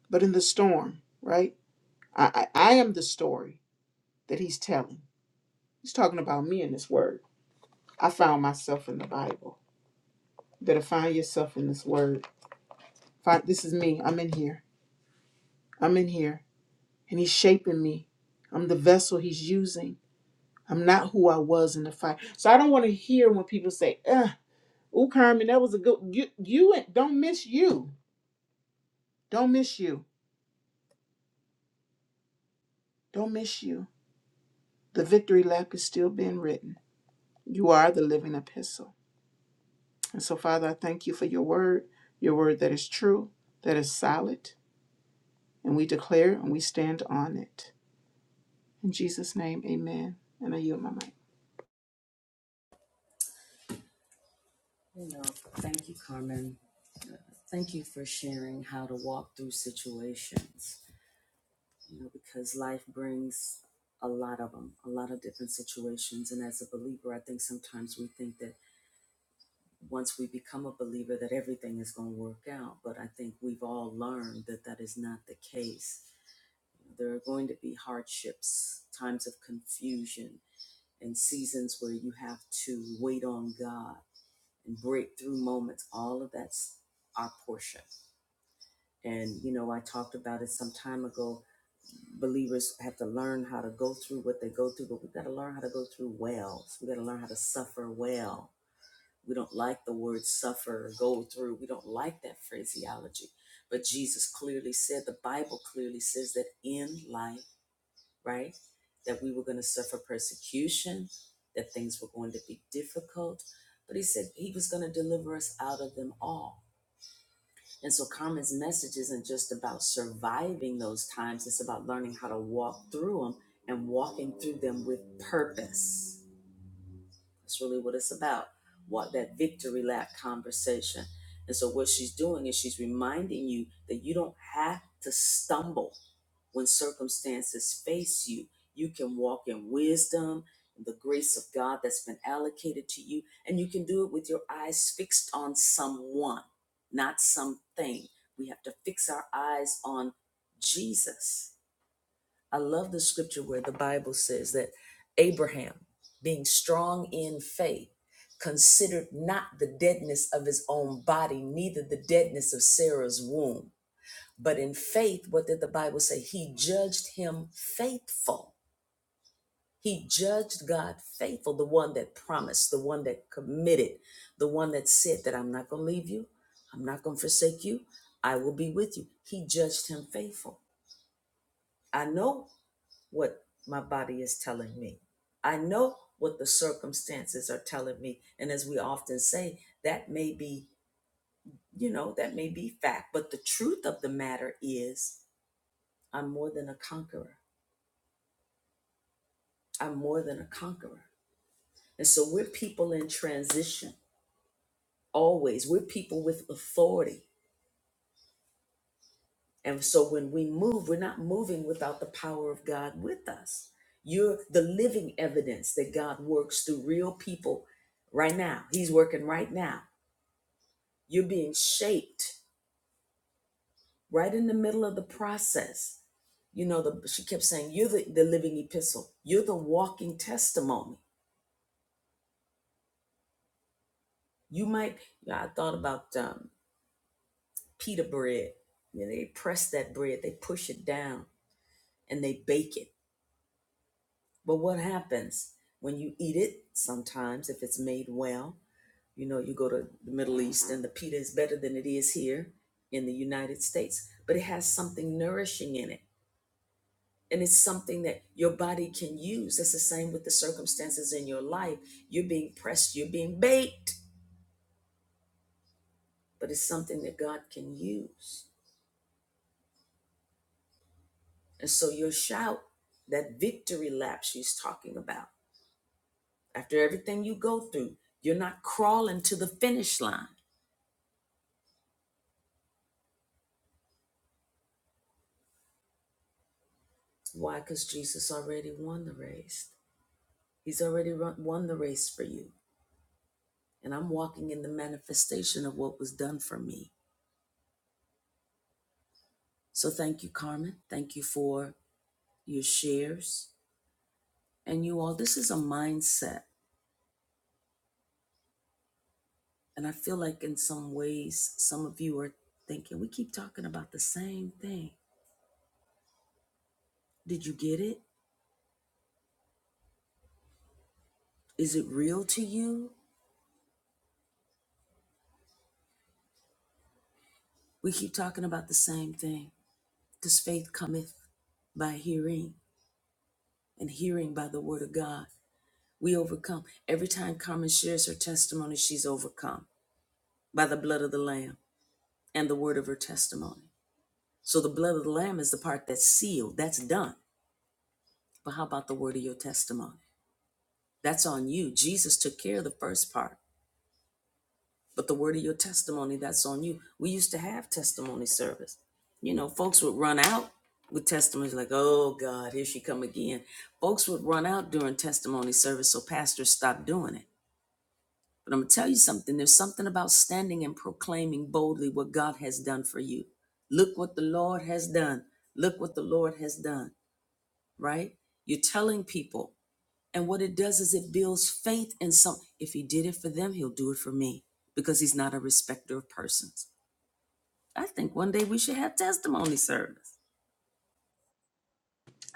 [SPEAKER 2] but in the storm, right? I, I, I am the story that he's telling. He's talking about me in this word. I found myself in the Bible. You better find yourself in this word. Find, this is me. I'm in here. I'm in here. And he's shaping me. I'm the vessel he's using I'm not who I was in the fight. So I don't want to hear when people say, "Uh, ooh, Carmen, that was a good." You, you don't miss you. Don't miss you. Don't miss you. The victory lap is still being written. You are the living epistle. And so, Father, I thank you for your word, your word that is true, that is solid, and we declare and we stand on it. In Jesus' name, Amen. And I yield my mic.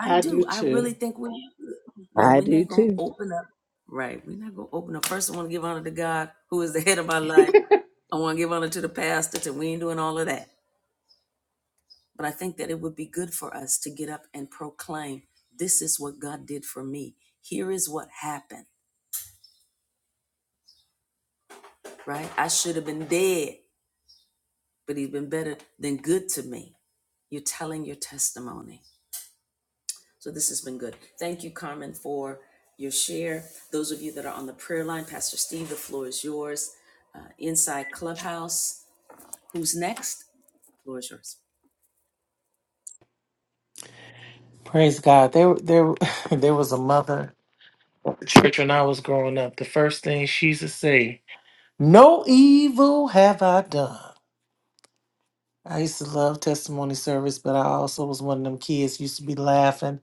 [SPEAKER 2] I do too.
[SPEAKER 5] I do too.
[SPEAKER 3] Praise God. There, there, there was a mother church when I was growing up. The first thing she used to say, "No evil have I done." I used to love testimony service, but I also was one of them kids used to be laughing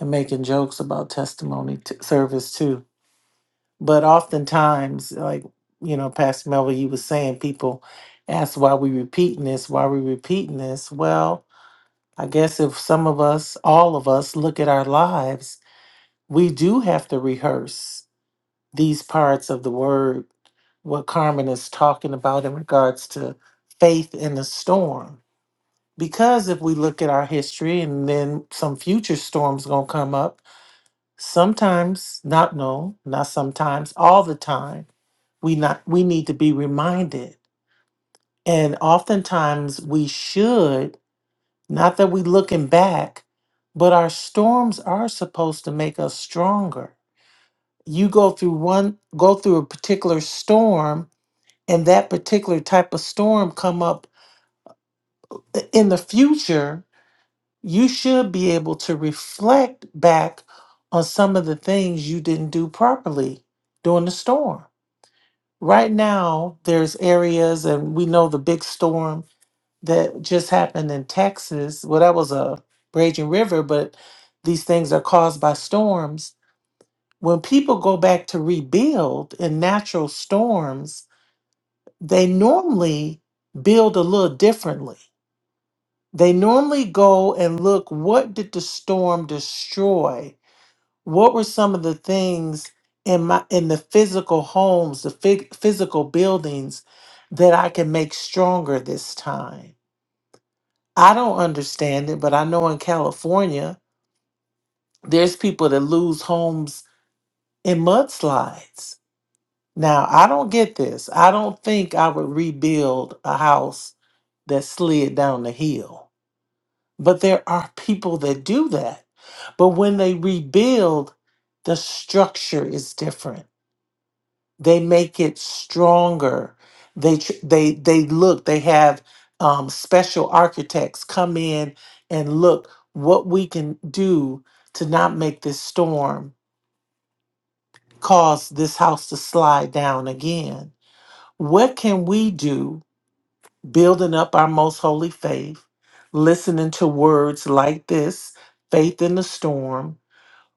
[SPEAKER 3] and making jokes about testimony t- service too. But oftentimes, like you know, Pastor Melville, you was saying, people ask why we repeating this, why we repeating this. Well, I guess if some of us, all of us, look at our lives we do have to rehearse these parts of the word, what Carmen is talking about in regards to faith in the storm. Because if we look at our history and then some future storms gonna come up, sometimes, not no, not sometimes, all the time, we not we need to be reminded. And oftentimes we should, not that we looking back, but our storms are supposed to make us stronger you go through one go through a particular storm and that particular type of storm come up in the future you should be able to reflect back on some of the things you didn't do properly during the storm right now there's areas and we know the big storm that just happened in texas well that was a raging river but these things are caused by storms when people go back to rebuild in natural storms they normally build a little differently. They normally go and look what did the storm destroy? What were some of the things in my in the physical homes, the phy- physical buildings that I can make stronger this time? I don't understand it, but I know in California there's people that lose homes in mudslides. Now, I don't get this. I don't think I would rebuild a house that slid down the hill. But there are people that do that. But when they rebuild, the structure is different. They make it stronger. They tr- they they look. They have um, special architects come in and look what we can do to not make this storm cause this house to slide down again. What can we do? Building up our most holy faith, listening to words like this, faith in the storm,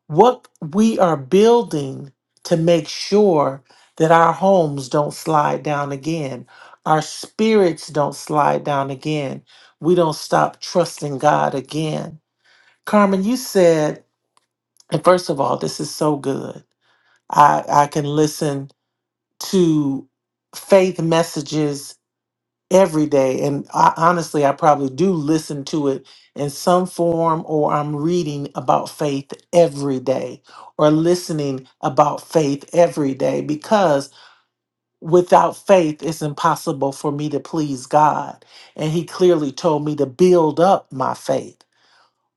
[SPEAKER 3] what we are building to make sure that our homes don't slide down again, our spirits don't slide down again, we don't stop trusting God again. Carmen, you said, and first of all, this is so good. I, I can listen to faith messages every day. And I, honestly, I probably do listen to it in some form, or I'm reading about faith every day, or listening about faith every day, because without faith, it's impossible for me to please God. And He clearly told me to build up my faith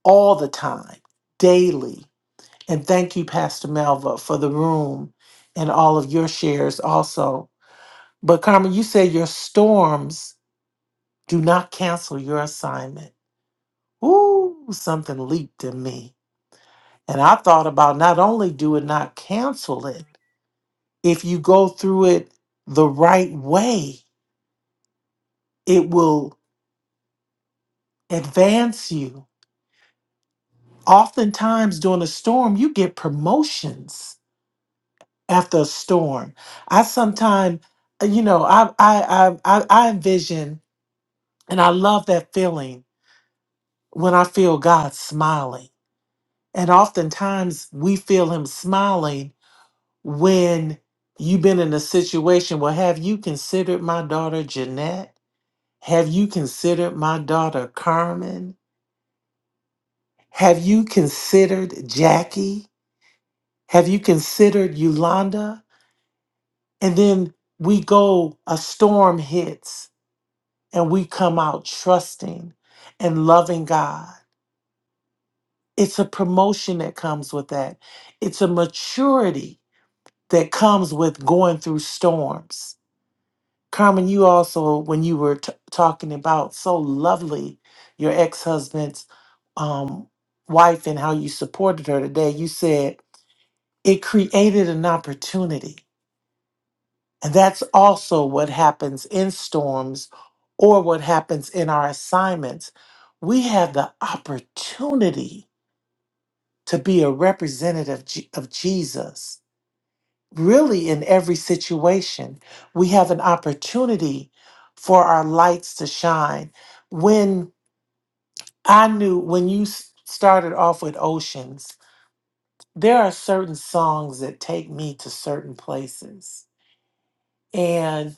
[SPEAKER 3] all the time, daily. And thank you, Pastor Melva, for the room and all of your shares also. But Carmen, you said your storms do not cancel your assignment. Ooh, something leaped in me. And I thought about not only do it not cancel it, if you go through it the right way, it will advance you. Oftentimes during a storm, you get promotions after a storm. I sometimes, you know, I I I I I envision and I love that feeling when I feel God smiling. And oftentimes we feel him smiling when you've been in a situation well have you considered my daughter jeanette have you considered my daughter carmen have you considered jackie have you considered yolanda and then we go a storm hits and we come out trusting and loving god it's a promotion that comes with that it's a maturity that comes with going through storms Carmen, you also, when you were t- talking about so lovely your ex husband's um, wife and how you supported her today, you said it created an opportunity. And that's also what happens in storms or what happens in our assignments. We have the opportunity to be a representative Je- of Jesus really in every situation, we have an opportunity for our lights to shine. When I knew, when you s- started off with Oceans, there are certain songs that take me to certain places. And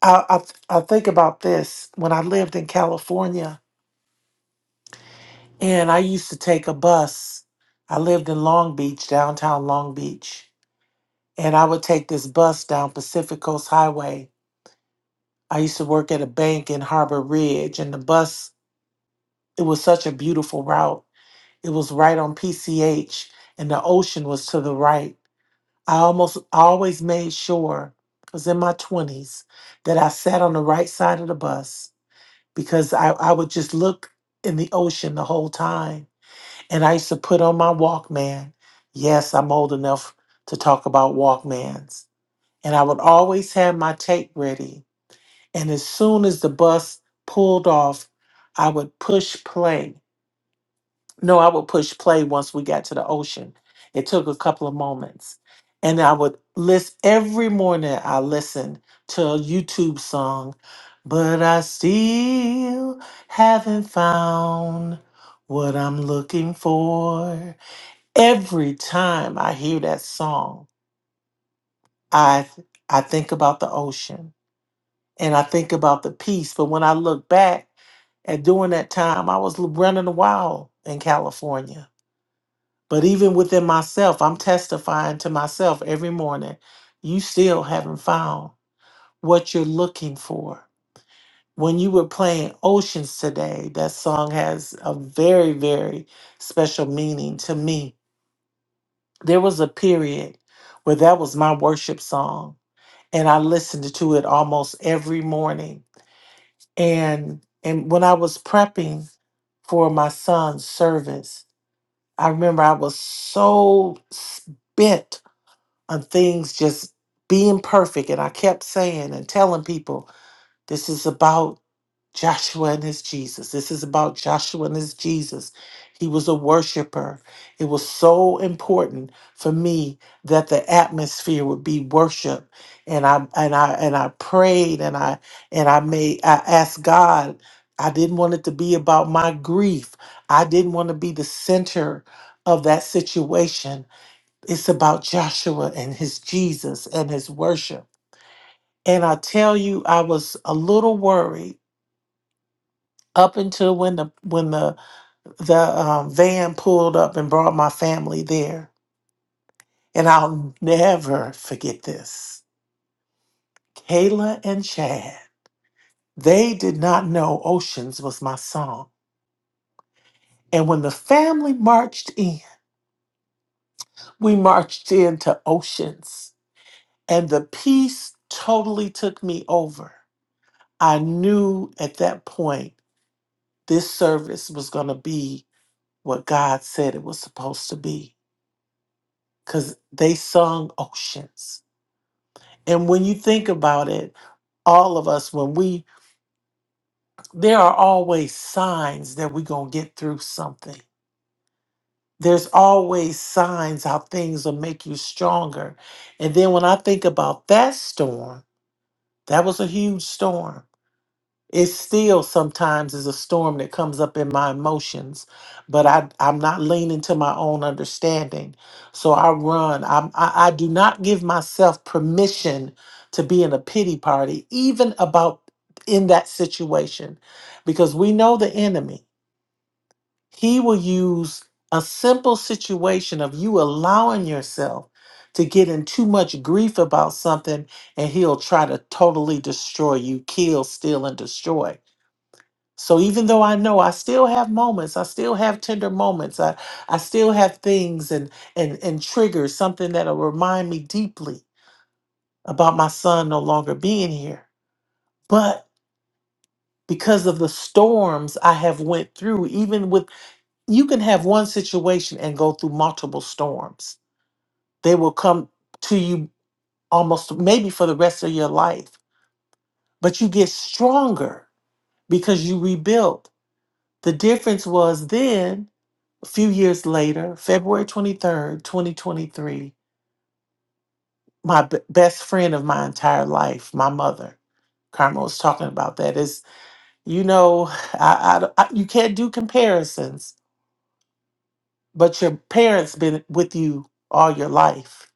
[SPEAKER 3] I, I, th- I think about this when I lived in California and I used to take a bus. I lived in Long Beach, downtown Long Beach, and I would take this bus down Pacific Coast Highway I used to work at a bank in Harbor Ridge, and the bus, it was such a beautiful route. It was right on PCH, and the ocean was to the right. I almost always made sure, because in my 20s, that I sat on the right side of the bus because I, I would just look in the ocean the whole time. And I used to put on my Walkman. Yes, I'm old enough to talk about Walkmans. And I would always have my tape ready And as soon as the bus pulled off, I would push play. No, I would push play once we got to the ocean. It took a couple of moments. And I would list every morning, I listened to a YouTube song, but I still haven't found what I'm looking for. Every time I hear that song, I I think about the ocean and I think about the peace. But when I look back, And during that time, I was l- running wild in California. But even within myself, I'm testifying to myself every morning, you still haven't found what you're looking for. When you were playing Oceans today, that song has a very, very special meaning to me. There was a period where that was my worship song, and I listened to it almost every morning. And and when I was prepping for my son's service, I remember I was so s- bent on things just being perfect. And I kept saying and telling people, this is about Joshua and his Jesus. This is about Joshua and his Jesus. He was a worshiper. It was so important for me that the atmosphere would be worship. And I and I and I prayed and I and I made I asked God. I didn't want it to be about my grief. I didn't want to be the center of that situation. It's about Joshua and his Jesus and his worship. And I tell you, I was a little worried up until when the when the the um, van pulled up and brought my family there and i'll never forget this kayla and chad they did not know oceans was my song and when the family marched in we marched into oceans and the peace totally took me over i knew at that point this service was going to be what god said it was supposed to be because they sung oceans And when you think about it, all of us, when we, there are always signs that we're going to get through something. There's always signs how things will make you stronger. And then when I think about that storm, that was a huge storm. it still sometimes is a storm that comes up in my emotions but i i'm not leaning to my own understanding so i run I'm, i i do not give myself permission to be in a pity party even about in that situation because we know the enemy he will use a simple situation of you allowing yourself to get in too much grief about something and he'll try to totally destroy you kill steal and destroy so even though I know I still have moments, I still have tender moments, I, I still have things and and and triggers, something that'll remind me deeply about my son no longer being here. But because of the storms I have went through, even with you can have one situation and go through multiple storms. They will come to you almost maybe for the rest of your life. But you get stronger because you rebuilt. The difference was then a few years later, February 23rd, 2023, my b- best friend of my entire life, my mother, Carmen was talking about that. Is you know, I, I, I- you can't do comparisons, but your parents been with you all your life,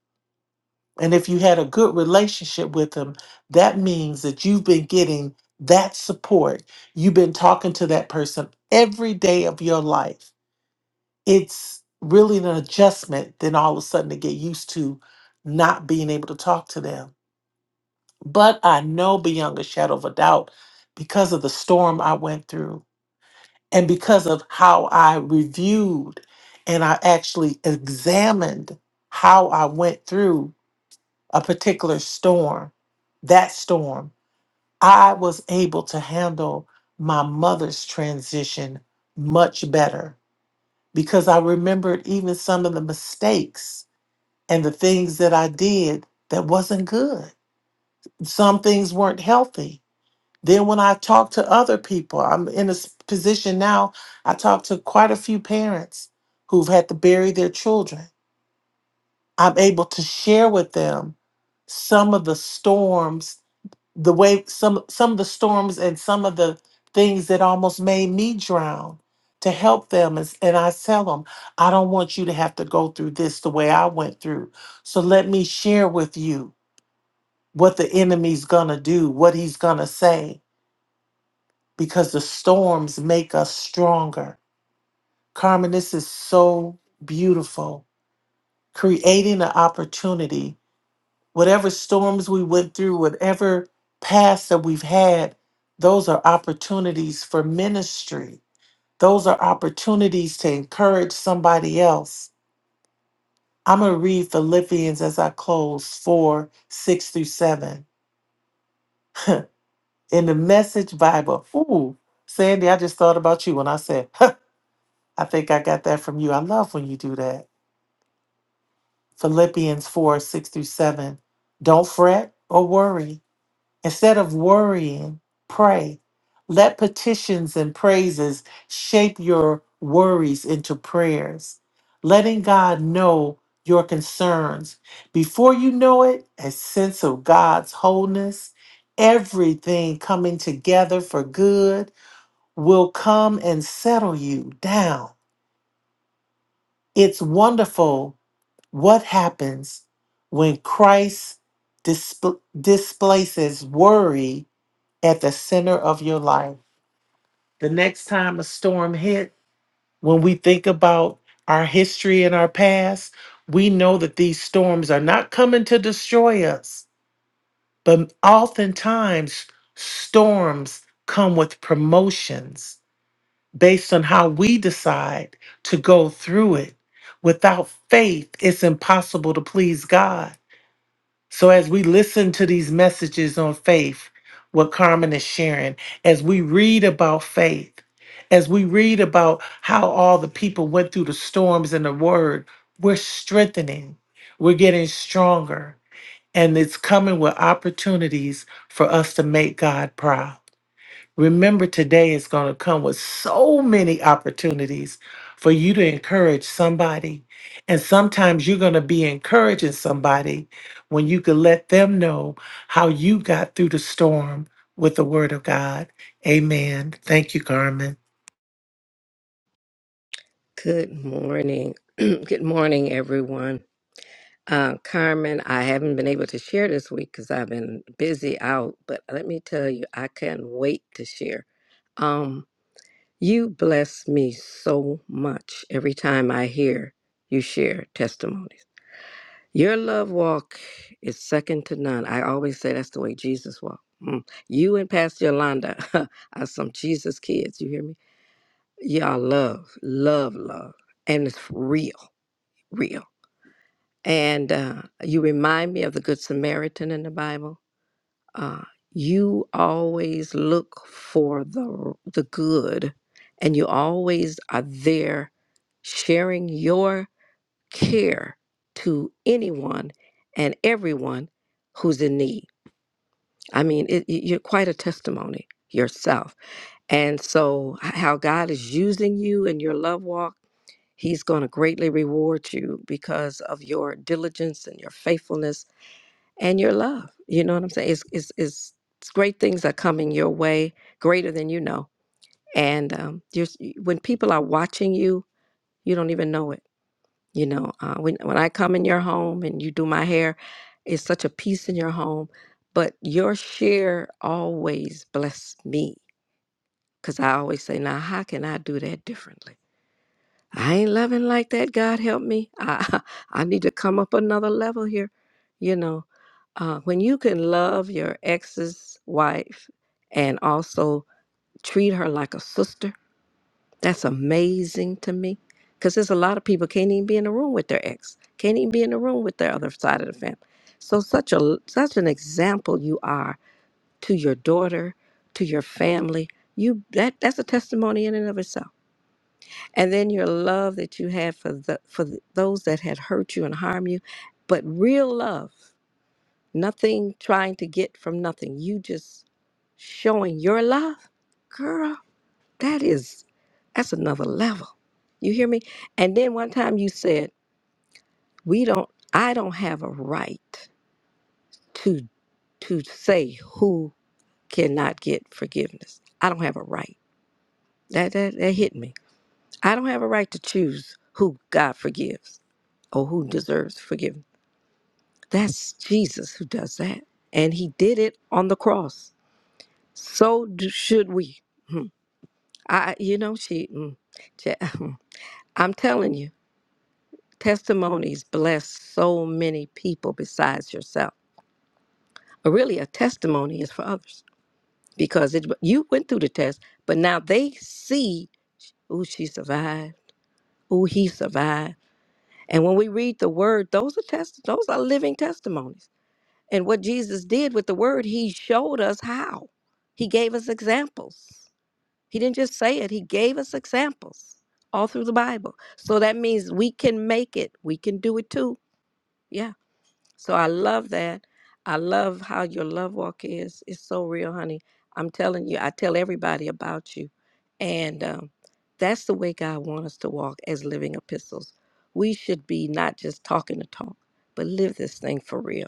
[SPEAKER 3] and if you had a good relationship with them, that means that you've been getting that support. You've been talking to that person every day of your life it's really an adjustment then all of a sudden to get used to not being able to talk to them but i know beyond a shadow of a doubt because of the storm i went through and because of how i reviewed and i actually examined how i went through a particular storm that storm i was able to handle my mother's transition much better because i remembered even some of the mistakes and the things that I did that wasn't good. Some things weren't healthy. Then when I talk to other people, I'm in a s- position now, I talk to quite a few parents who've had to bury their children. I'm able to share with them some of the storms, the way some some of the storms and some of the things that almost made me drown to help them and, s- and I tell them, I don't want you to have to go through this the way I went through. So let me share with you what the enemy's going to do, what he's going to say, because the storms make us stronger. Carmen, this is so beautiful. Creating an opportunity, whatever storms we went through, whatever past that we've had, those are opportunities for ministry. Those are opportunities to encourage somebody else. I'm going to read Philippians as I close 4 6 through 7. in the message Bible. Ooh, Sandy, I just thought about you when I said, I think I got that from you. I love when you do that. Philippians 4 6 through 7. Don't fret or worry. Instead of worrying, pray. Let petitions and praises shape your worries into prayers, letting God know your concerns. Before you know it, a sense of God's wholeness, everything coming together for good will come and settle you down. It's wonderful what happens when Christ displ- displaces worry at the center of your life. The next time a storm hit, when we think about our history and our past, we know that these storms are not coming to destroy us, but oftentimes storms come with promotions based on how we decide to go through it. Without faith, it's impossible to please God. So, as we listen to these messages on faith, what Carmen is sharing, as we read about faith, as we read about how all the people went through the storms in the Word, we're strengthening, we're getting stronger, and it's coming with opportunities for us to make God proud. Remember, today is going to come with so many opportunities for you to encourage somebody. And sometimes you're going to be encouraging somebody when you can let them know how you got through the storm with the word of God. Amen. Thank you, Carmen.
[SPEAKER 5] Good morning. Good morning, everyone. Uh, Carmen, I haven't been able to share this week because I've been busy out, but let me tell you, I can't wait to share. Um, you bless me so much every time I hear you share testimonies. Your love walk is second to none. I always say that's the way Jesus walked. Mm. You and Pastor Yolanda are some Jesus kids. You hear me? Y'all love, love, love. And it's real, real. And uh, you remind me of the Good Samaritan in the Bible. Uh, you always look for the, the good, and you always are there sharing your care to anyone and everyone who's in need. I mean, it, it- you're quite a testimony yourself. And so, h- how God is using you in your love walk He's going to greatly reward you because of your diligence and your faithfulness and your love. You know what I'm saying? It's, it's, it's, it's great things are coming your way, greater than you know. And um, you're, when people are watching you, you don't even know it. You know, uh, when, when I come in your home and you do my hair, it's such a peace in your home. But your share always blessed me because I always say, now, how can I do that differently? I ain't loving like that. God help me. I I need to come up another level here. You know, uh, when you can love your ex's wife and also treat her like a sister, that's amazing to me. Because there's a lot of people can't even be in the room with their ex, can't even be in the room with their other side of the family. So such a such an example you are to your daughter, to your family. You that that's a testimony in and of itself and then your love that you had for the for th- those that had hurt you and harm you but real love nothing trying to get from nothing you just showing your love girl that is that's another level you hear me and then one time you said we don't i don't have a right to to say who cannot get forgiveness i don't have a right that that, that hit me i don't have a right to choose who god forgives or who deserves forgiveness. That's Jesus who does that. And he did it on the cross. So do, should we. Hmm. I, you know, she, mm, ja- I'm telling you, testimonies bless so many people besides yourself. But really, a testimony is for others because it, you went through the test, but now they see, oh, she survived, oh, he survived. And when we read the word, those are test, those are living testimonies And what Jesus did with the word, he showed us how. He gave us examples. He didn't just say it, he gave us examples all through the Bible. So that means we can make it, we can do it too. Yeah. So I love that. I love how your love walk is. It's so real, honey. I'm telling you, I tell everybody about you. And um, that's the way God wants us to walk as living epistles. We should be not just talking the talk, but live this thing for real.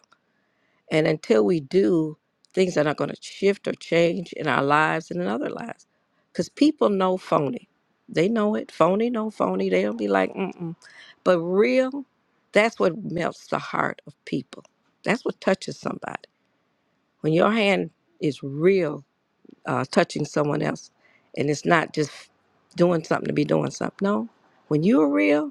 [SPEAKER 5] And until we do, things are not going to shift or change in our lives and in other lives. Because people know phony. They know it. Phony, no phony. They'll be like, mm-mm. But real, that's what melts the heart of people. That's what touches somebody. When your hand is real, uh, touching someone else, and it's not just doing something to be doing something. No. When you're real,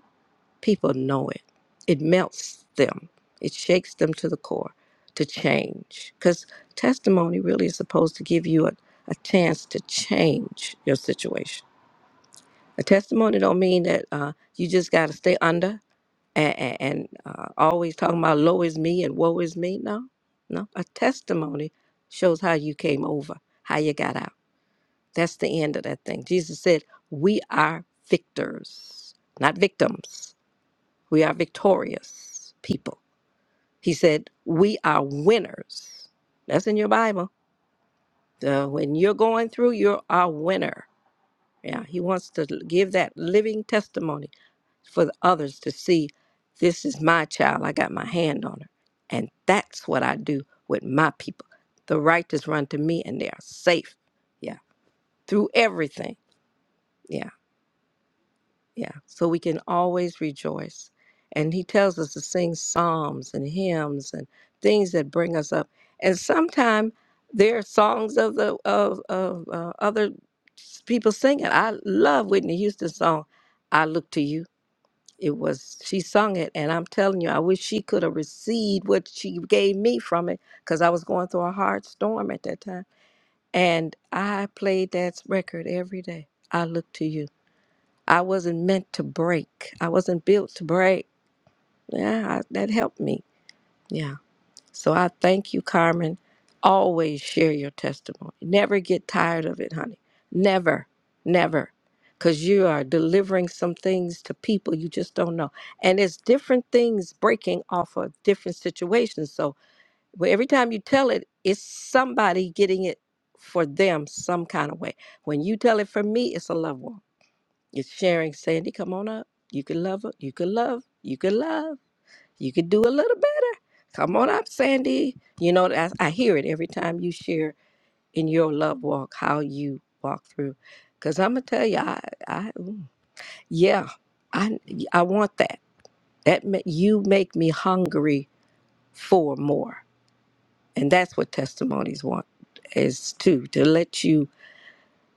[SPEAKER 5] People know it. It melts them. It shakes them to the core to change. Because testimony really is supposed to give you a, a chance to change your situation. A testimony don't mean that uh, you just got to stay under and, and, and uh, always talking about low is me and woe is me. No, no. A testimony shows how you came over, how you got out. That's the end of that thing. Jesus said, We are victors, not victims. We are victorious people. He said, We are winners. That's in your Bible. So when you're going through, you're a winner. Yeah, he wants to give that living testimony for the others to see this is my child. I got my hand on her. And that's what I do with my people. The righteous run to me and they are safe. Yeah, through everything. Yeah. Yeah, so we can always rejoice. And he tells us to sing psalms and hymns and things that bring us up. And sometimes there are songs of the of, of uh, other s- people singing. I love Whitney Houston's song "I Look to You." It was she sung it, and I'm telling you, I wish she could have received what she gave me from it because I was going through a hard storm at that time. And I played that record every day. I look to you I wasn't meant to break. I wasn't built to break. Yeah, I, that helped me. Yeah. So I thank you, Carmen. Always share your testimony. Never get tired of it, honey. Never, never. Because you are delivering some things to people you just don't know. And it's different things breaking off of different situations. So wh- every time you tell it, it's somebody getting it for them some kind of way. When you tell it for me, it's a loved one. It's sharing. Sandy, come on up. You can love her. You can love. You can love. You can do a little better. Come on up, Sandy. You know, I, I hear it every time you share in your love walk how you walk through. Cause I'm gonna tell you, I, I, ooh, yeah, I, I want that. That ma- you make me hungry for more, and that's what testimonies want is too to let you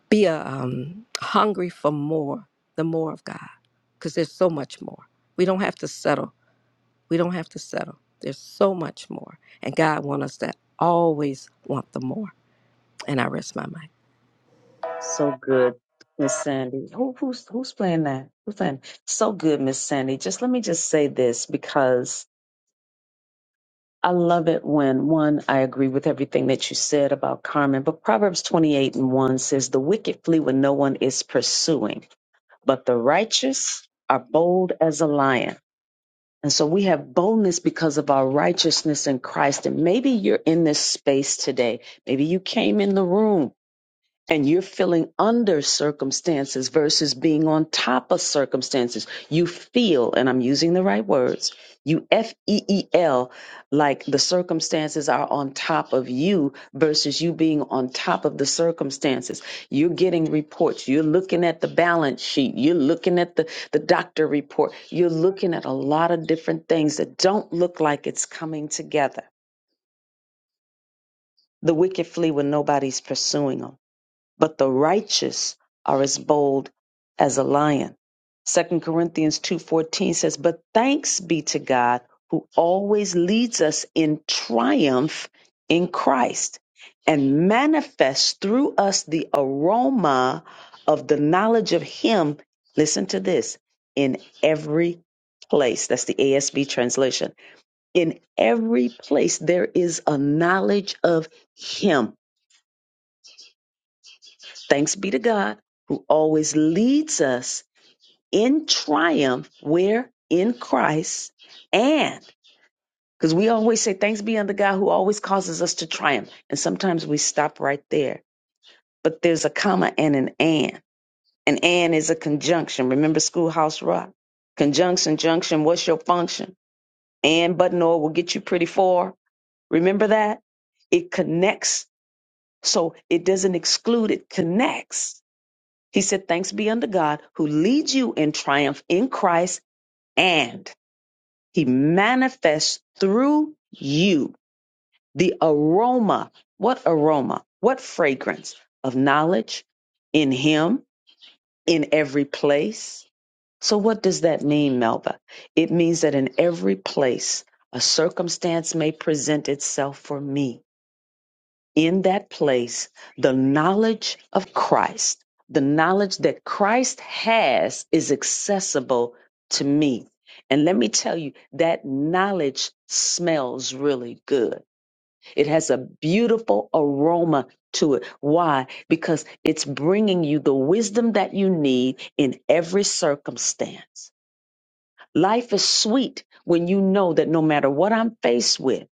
[SPEAKER 5] be a, um, hungry for more, the more of God, because there's so much more. We don't have to settle. We don't have to settle. There's so much more, and God wants us to always want the more. And I rest my mind.
[SPEAKER 1] Connects. He said, Thanks be unto God who leads you in triumph in Christ and He manifests through you the aroma. What aroma? What fragrance of knowledge in Him, in every place? So, what does that mean, Melba? It means that in every place, a circumstance may present itself for me in that place the knowledge of Christ, the knowledge that Christ has is accessible to me. And let me tell you, that knowledge smells really good. It has a beautiful aroma to it. Why? Because it's bringing you the wisdom that you need in every circumstance. Life is sweet when you know that no matter what I'm faced with,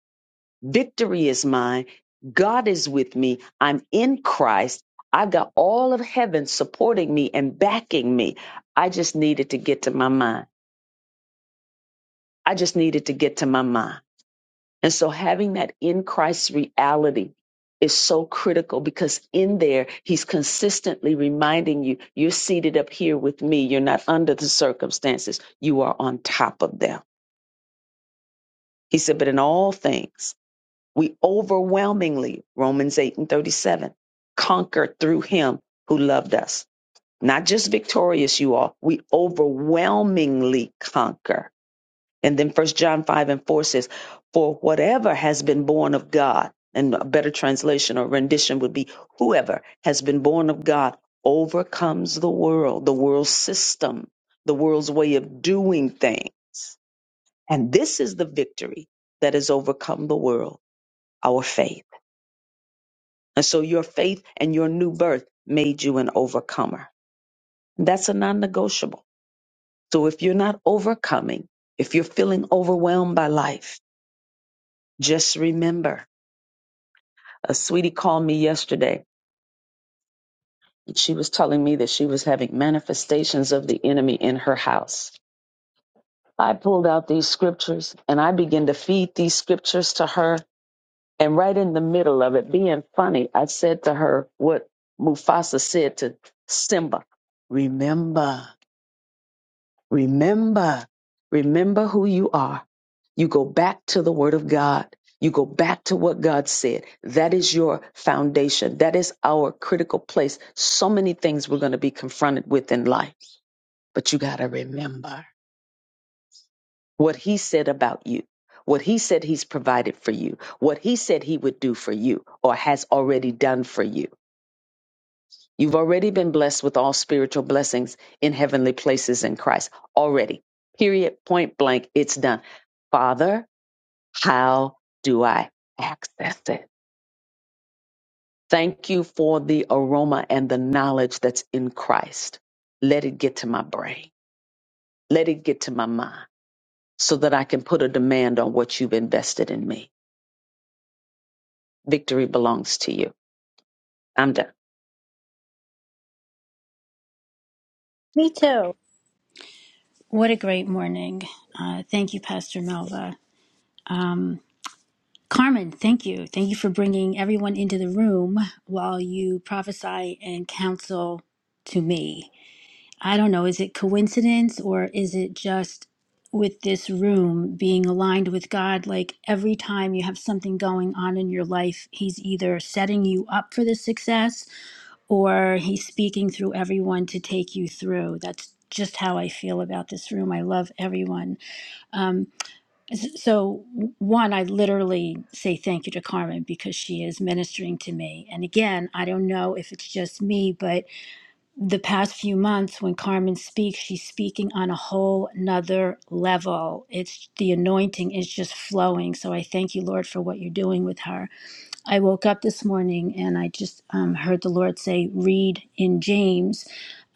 [SPEAKER 1] Victory is mine. God is with me. I'm in Christ. I've got all of heaven supporting me and backing me. I just needed to get to my mind. I just needed to get to my mind. And so having that in Christ reality is so critical because in there, he's consistently reminding you, you're seated up here with me. You're not under the circumstances. You are on top of them. He said, but in all things, We overwhelmingly, Romans 8 and 37, conquer through him who loved us. Not just victorious, you all. We overwhelmingly conquer. And then First John 5 and 4 says, For whatever has been born of God, and a better translation or rendition would be, Whoever has been born of God overcomes the world, the world's system, the world's way of doing things. And this is the victory that has overcome the world, our faith. And so your faith and your new birth made you an overcomer. That's a non negotiable. So if you're not overcoming, if you're feeling overwhelmed by life, just remember a sweetie called me yesterday and she was telling me that she was having manifestations of the enemy in her house. I pulled out these scriptures and I began to feed these scriptures to her. And right in the middle of it, being funny, I said to her what Mufasa said to Simba Remember. Remember, remember who you are. You go back to the Word of God. You go back to what God said. That is your foundation. That is our critical place. So many things we're going to be confronted with in life, but you got to remember what He said about you, what He said He's provided for you, what He said He would do for you or has already done for you. You've already been blessed with all spiritual blessings in heavenly places in Christ. Already. Period. Point blank. It's done. Father, how do I access it? Thank you for the aroma and the knowledge that's in Christ. Let it get to my brain. Let it get to my mind so that I can put a demand on what you've invested in me. Victory belongs to you. I'm done.
[SPEAKER 4] Me too. What a great morning. Uh, thank you, Pastor Melva. Um, Carmen, thank you. Thank you for bringing everyone into the room while you prophesy and counsel to me. I don't know, is it coincidence or is it just with this room being aligned with God? Like every time you have something going on in your life, He's either setting you up for the success or he's speaking through everyone to take you through. That's just how I feel about this room. I love everyone. Um, s- so, w- one, I literally say thank you to Carmen because she is ministering to me. And again, I don't know if it's just me, but the past few months when Carmen speaks, she's speaking on a whole nother level. It's the anointing is just flowing. So, I thank you, Lord, for what you're doing with her. I woke up this morning and I just um, heard the Lord say, read in James,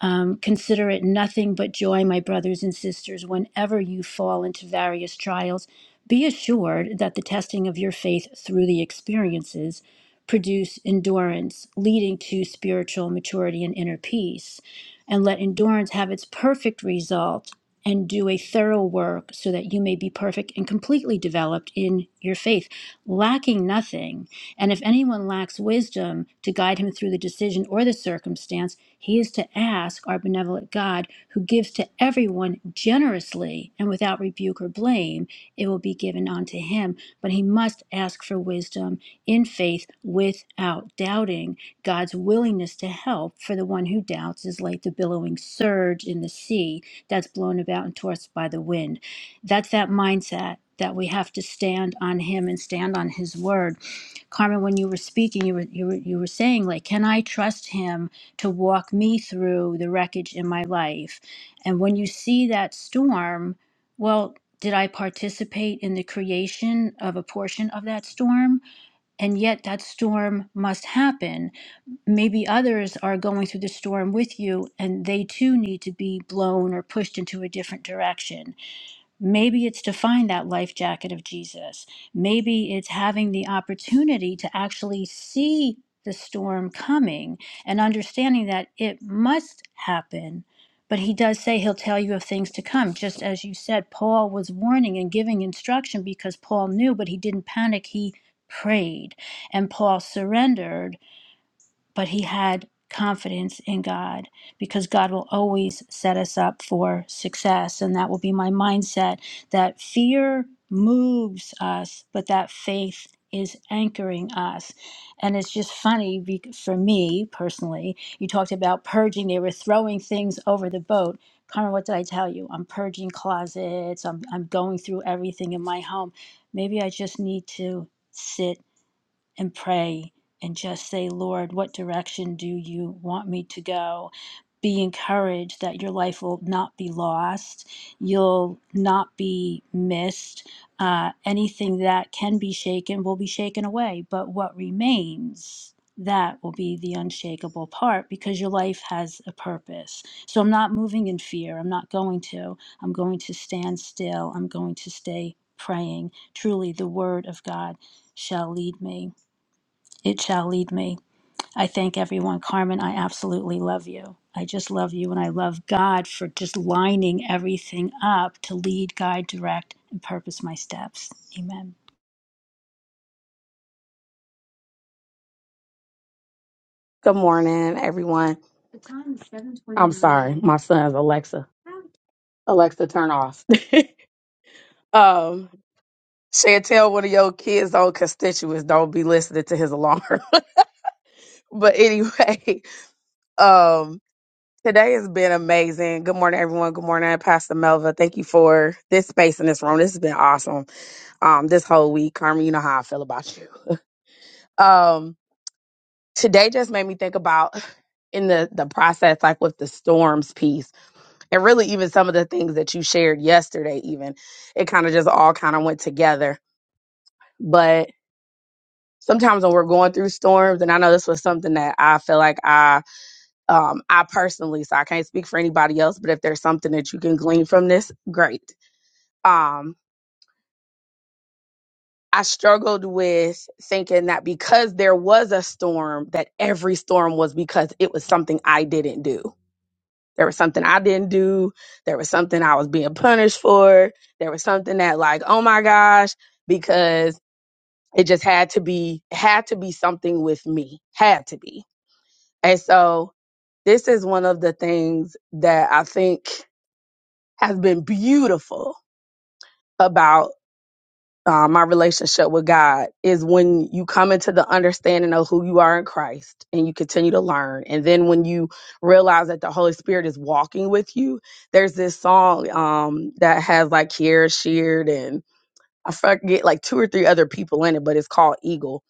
[SPEAKER 4] um, consider it nothing but joy, my brothers and sisters, whenever you fall into various trials. Be assured that the testing of your faith through the experiences produce endurance, leading to spiritual maturity and inner peace. And let endurance have its perfect result and do a thorough work so that you may be perfect and completely developed in your faith, lacking nothing. And if anyone lacks wisdom to guide him through the decision or the circumstance, he is to ask our benevolent God, who gives to everyone generously and without rebuke or blame. It will be given unto him. But he must ask for wisdom in faith without doubting. God's willingness to help for the one who doubts is like the billowing surge in the sea that's blown about and tossed by the wind. That's that mindset that we have to stand on him and stand on his word Carmen, when you were speaking, you were you were you were saying like, can I trust him to walk me through the wreckage in my life? And when you see that storm, well, did I participate in the creation of a portion of that storm? And yet that storm must happen. Maybe others are going through the storm with you and they too need to be blown or pushed into a different direction Maybe it's to find that life jacket of Jesus. Maybe it's having the opportunity to actually see the storm coming and understanding that it must happen. But he does say he'll tell you of things to come, just as you said, Paul was warning and giving instruction because Paul knew, but he didn't panic. He prayed and Paul surrendered but he had confidence in God because God will always set us up for success. And that will be my mindset that fear moves us, but that faith is anchoring us. And it's just funny be- for me personally. You talked about purging, they were throwing things over the boat. Carmen, what did I tell you? I'm purging closets, I'm, I'm going through everything in my home. Maybe I just need to sit and pray and just say, Lord, what direction do you want me to go? Be encouraged that your life will not be lost. You'll not be missed. Uh, anything that can be shaken will be shaken away, but what remains, that will be the unshakable part because your life has a purpose. So I'm not moving in fear. I'm not going to. I'm going to stand still. I'm going to stay praying. Truly, the word of God shall lead me. It shall lead me. I thank everyone. Carmen, I absolutely love you. I just love you and I love God for just lining everything up to lead, guide, direct, and purpose my steps. Amen.
[SPEAKER 6] Good morning, everyone. I'm sorry, my son's Alexa. Alexa, turn off. um, Chantel, one of your kids' old constituents, don't be listening to his alarm. but anyway, um, today has been amazing. Good morning, everyone. Good morning, Pastor Melva. Thank you for this space in this room. This has been awesome. Um, this whole week, Carmen, you know how I feel about you. Um, today just made me think about in the the process, like with the storms piece and really even some of the things that you shared yesterday even it kind of just all kind of went together but sometimes when we're going through storms and i know this was something that i feel like i um i personally so i can't speak for anybody else but if there's something that you can glean from this great um I struggled with thinking that because there was a storm, that every storm was because it was something I didn't do There was something I didn't do. There was something I was being punished for. There was something that like, oh my gosh, because it just had to be had to be something with me. Had to be. And so this is one of the things that I think has been beautiful about uh, my relationship with God is when you come into the understanding of who you are in Christ and you continue to learn. And then when you realize that the Holy Spirit is walking with you, there's this song um, that has like Kiera Sheard and I forget like two or three other people in it, but it's called Eagle.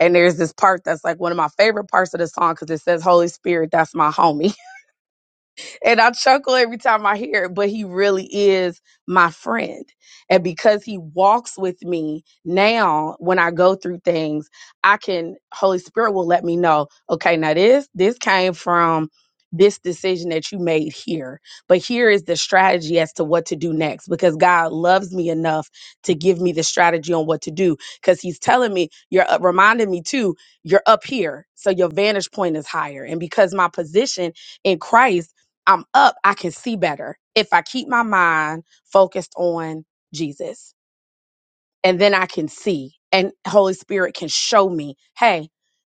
[SPEAKER 6] And there's this part that's like one of my favorite parts of the song because it says, Holy Spirit, that's my homie and I chuckle every time I hear it, but he really is my friend. And because he walks with me now, when I go through things, I can, Holy Spirit will let me know, okay, now this, this came from this decision that you made here. But here is the strategy as to what to do next because God loves me enough to give me the strategy on what to do because he's telling me, you're up, reminding me too, you're up here. So your vantage point is higher. And because my position in Christ, I'm up, I can see better if I keep my mind focused on Jesus. And then I can see and Holy Spirit can show me, hey,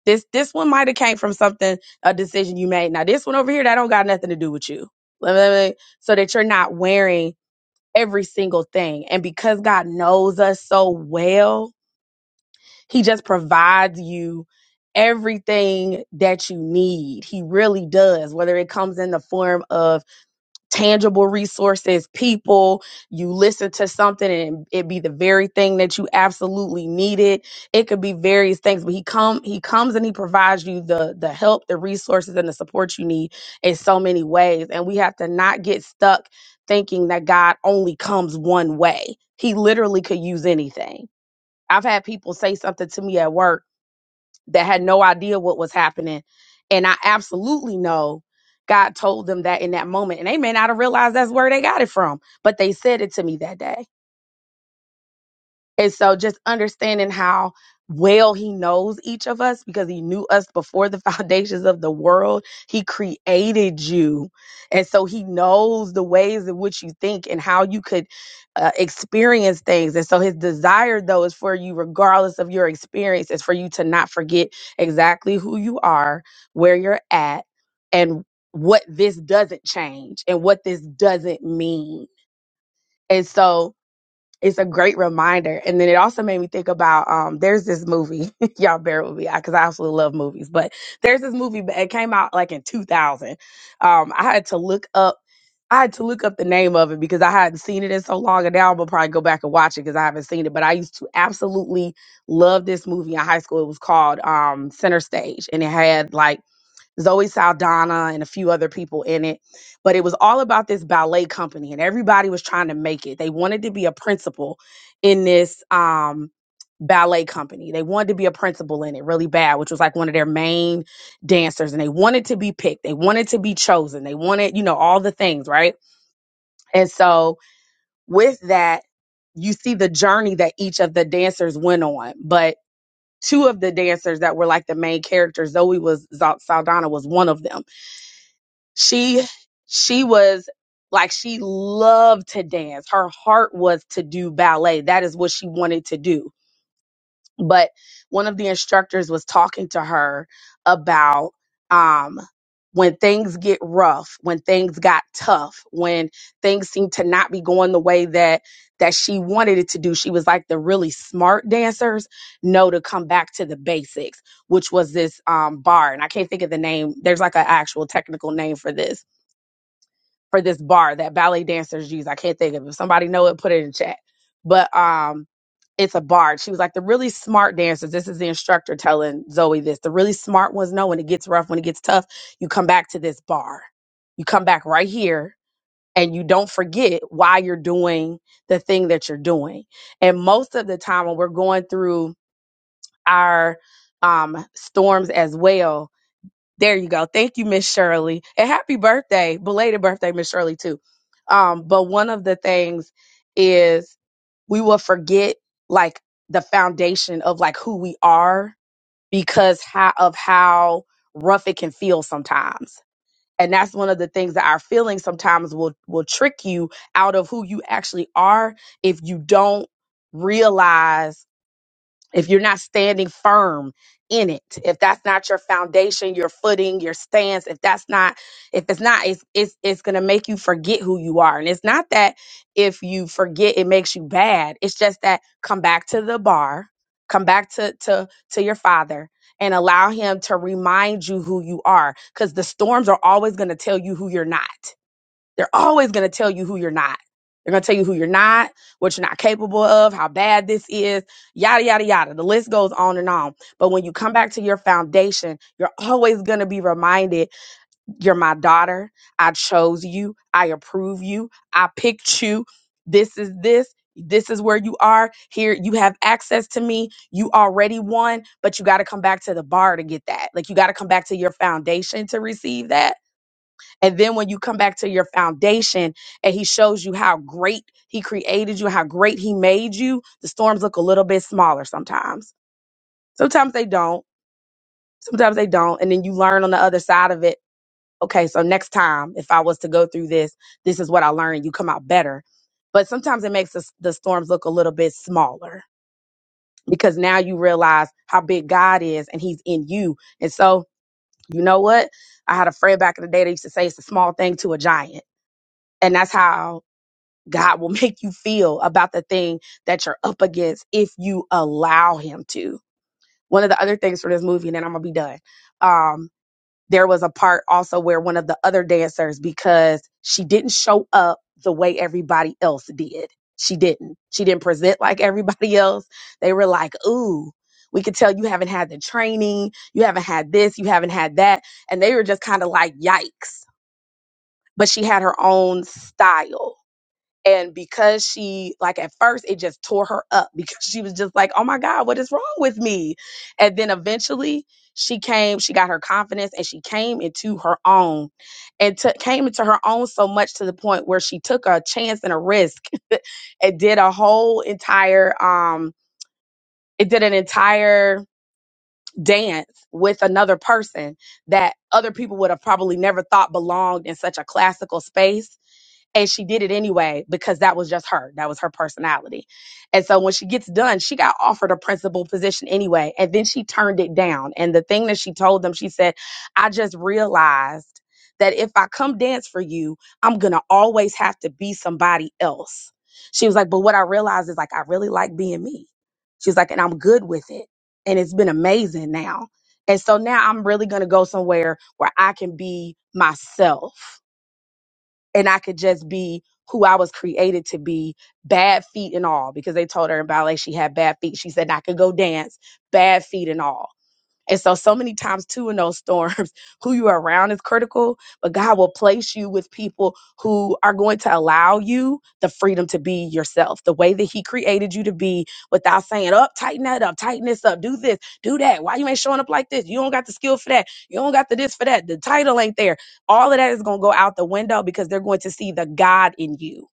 [SPEAKER 6] this this one might have came from something, a decision you made. Now this one over here, that don't got nothing to do with you. Let me- let me- So that you're not wearing every single thing. And because God knows us so well, He just provides you everything that you need. He really does, whether it comes in the form of tangible resources, people. You listen to something and it be the very thing that you absolutely needed. It could be various things, but he come he comes and he provides you the the help, the resources and the support you need in so many ways. And we have to not get stuck thinking that God only comes one way. He literally could use anything. I've had people say something to me at work that had no idea what was happening. And I absolutely know God told them that in that moment. And they may not have realized that's where they got it from, but they said it to me that day. And so just understanding how well he knows each of us because he knew us before the foundations of the world. He created you. And so he knows the ways in which you think and how you could uh, experience things. And so his desire, though, is for you, regardless of your experience, is for you to not forget exactly who you are, where you're at, and what this doesn't change and what this doesn't mean. And so, it's a great reminder. And then it also made me think about um, there's this movie. Y'all bear with me because I absolutely love movies. But there's this movie. but It came out like in 2000. Um, I had to look up. I had to look up the name of it because I hadn't seen it in so long, and now I'm gonna probably go back and watch it because I haven't seen it. But I used to absolutely love this movie in high school. It was called um, Center Stage, and it had like Zoe Saldana and a few other people in it. But it was all about this ballet company, and everybody was trying to make it. They wanted to be a principal in this um, ballet company. They wanted to be a principal in it really bad, which was like one of their main dancers. And they wanted to be picked, they wanted to be chosen, they wanted, you know, all the things, right? And so with that, you see the journey that each of the dancers went on. But two of the dancers that were like the main characters, Zoe was Zalt- Saldana was one of them she she was like she loved to dance her heart was to do ballet that is what she wanted to do but one of the instructors was talking to her about um when things get rough when things got tough when things seemed to not be going the way that that she wanted it to do she was like the really smart dancers know to come back to the basics which was this um bar and i can't think of the name there's like an actual technical name for this for this bar that ballet dancers use. I can't think of it. If somebody know it, put it in chat. But um, it's a bar. She was like, the really smart dancers, this is the instructor telling Zoe this. The really smart ones know when it gets rough, when it gets tough, you come back to this bar. You come back right here and you don't forget why you're doing the thing that you're doing. And most of the time when we're going through our um, storms as well, there you go. Thank you, Miss Shirley. And happy birthday, belated birthday, Miss Shirley, too. Um, but one of the things is we will forget like the foundation of like who we are because how, of how rough it can feel sometimes. And that's one of the things that our feelings sometimes will will trick you out of who you actually are if you don't realize if you're not standing firm in it if that's not your foundation your footing your stance if that's not if it's not it's it's, it's going to make you forget who you are and it's not that if you forget it makes you bad it's just that come back to the bar come back to to to your father and allow him to remind you who you are because the storms are always going to tell you who you're not they're always going to tell you who you're not. They're going to tell you who you're not, what you're not capable of, how bad this is, yada, yada, yada. The list goes on and on. But when you come back to your foundation, you're always going to be reminded you're my daughter. I chose you. I approve you. I picked you. This is this. This is where you are. Here, you have access to me. You already won, but you got to come back to the bar to get that. Like, you got to come back to your foundation to receive that and then when you come back to your foundation and he shows you how great he created you, how great he made you, the storms look a little bit smaller sometimes. Sometimes they don't. Sometimes they don't. And then you learn on the other side of it. Okay, so next time, if I was to go through this, this is what I learned. You come out better. But sometimes it makes the, the storms look a little bit smaller because now you realize how big God is and he's in you. And so, you know what? I had a friend back in the day that used to say it's a small thing to a giant. And that's how God will make you feel about the thing that you're up against if you allow Him to. One of the other things for this movie, and then I'm gonna be done. Um, there was a part also where one of the other dancers, because she didn't show up the way everybody else did, she didn't. She didn't present like everybody else. They were like, "Ooh, we could tell you haven't had the training, you haven't had this, you haven't had that," and they were just kind of like, "Yikes!" But she had her own style and because she, like at first, it just tore her up because she was just like, oh my God, what is wrong with me? And then eventually she came, she got her confidence and she came into her own and took came into her own so much to the point where she took a chance and a risk. it did a whole entire, um, it did an entire dance with another person that other people would have probably never thought belonged in such a classical space and she did it anyway because that was just her that was her personality and so when she gets done she got offered a principal position anyway and then she turned it down and the thing that she told them she said i just realized that if i come dance for you i'm gonna always have to be somebody else she was like but what i realized is like i really like being me she was like and i'm good with it and it's been amazing now and so now i'm really gonna go somewhere where i can be myself and I could just be who I was created to be, bad feet and all, because they told her in ballet she had bad feet. She said, I could go dance, bad feet and all. And so, so many times, too, in those storms, who you are around is critical, but God will place you with people who are going to allow you the freedom to be yourself, the way that He created you to be without saying, up, tighten that up, tighten this up, do this, do that. Why you ain't showing up like this? You don't got the skill for that. You don't got the this for that. The title ain't there. All of that is going to go out the window because they're going to see the God in you,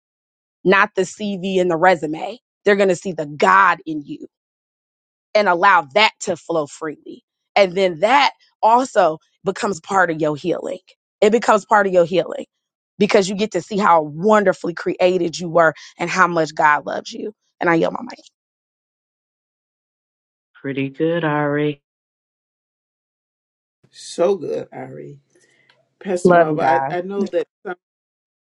[SPEAKER 6] not the CV and the resume. They're going to see the God in you and allow that to flow freely. And then that also becomes part of your healing. It becomes part of your healing because you get to see how wonderfully created you were and how much God loves you. And I yell my mic.
[SPEAKER 1] Pretty good, Ari.
[SPEAKER 2] So good, Ari. Pastor
[SPEAKER 6] Love
[SPEAKER 2] Melba,
[SPEAKER 6] God.
[SPEAKER 2] I, I know that.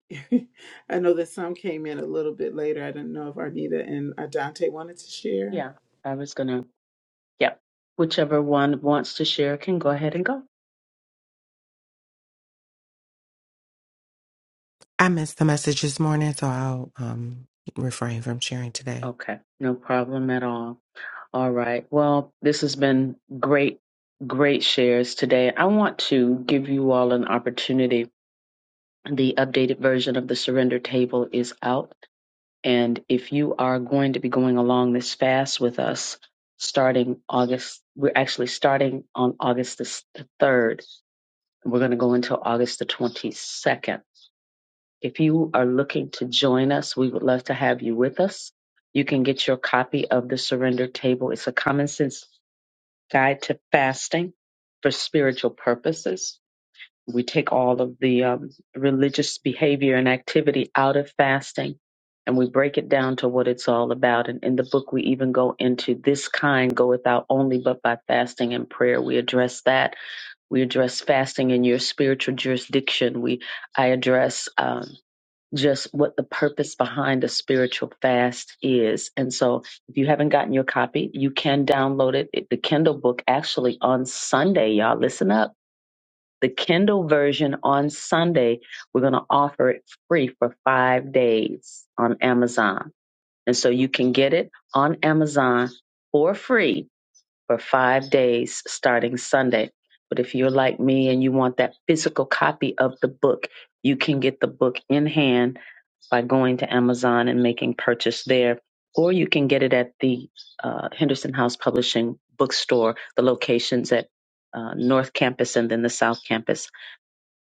[SPEAKER 2] I know that some came in a little bit later. I didn't know if Arnita and Adante wanted to share.
[SPEAKER 1] Yeah, I was going to. Yep. Whichever one wants to share can go ahead and go.
[SPEAKER 7] I missed the message this morning, so I'll um, refrain from sharing today.
[SPEAKER 1] Okay, no problem at all. All right. Well, this has been great, great shares today. I want to give you all an opportunity. The updated version of the surrender table is out. And if you are going to be going along this fast with us, starting August, we're actually starting on August the s- the 3rd. We're going to go until August the 22nd. If you are looking to join us, we would love to have you with us. You can get your copy of The Surrender Table. It's a common sense guide to fasting for spiritual purposes. We take all of the um, religious behavior and activity out of fasting and we break it down to what it's all about. And in the book, we even go into this kind goeth out only but by fasting and prayer. We address that. We address fasting in your spiritual jurisdiction. We I address. um, just what the purpose behind a spiritual fast is. And so, if you haven't gotten your copy, you can download it. It- The Kindle book actually on Sunday, y'all listen up. The Kindle version on Sunday, we're going to offer it free for five days on Amazon. And so you can get it on Amazon for free for five days starting Sunday. But if you're like me and you want that physical copy of the book, you can get the book in hand by going to Amazon and making purchase there, or you can get it at the uh, Henderson House Publishing bookstore, the locations at uh, North Campus and then the South Campus.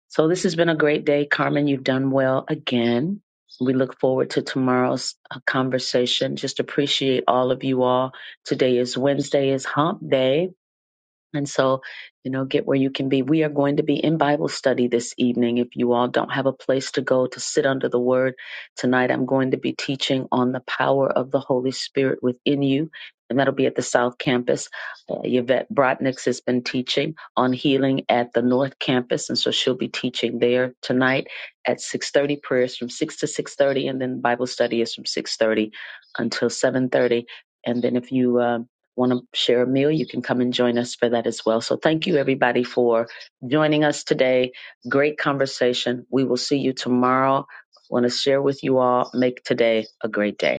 [SPEAKER 1] So this has been a great day, Carmen. You've done well again. We look forward to tomorrow's uh, conversation. Just appreciate all of you all. Today is Wednesday, is Hump Day. And so, you know, get where you can be. We are going to be in Bible study this evening. If you all don't have a place to go to sit under the word tonight, I'm going to be teaching on the power of the Holy Spirit within you. And that'll be at the South Campus. Uh, Yvette Brotniks has been teaching on healing at the North Campus, and so she'll be teaching there tonight at 6:30. Prayers from 6 to 6:30, and then Bible study is from 6:30 until 7:30. And then if you um, want to share a meal, you can come and join us for that as well. So thank you everybody for joining us today. Great conversation. We will see you tomorrow. I want to share with you all. Make today a great day.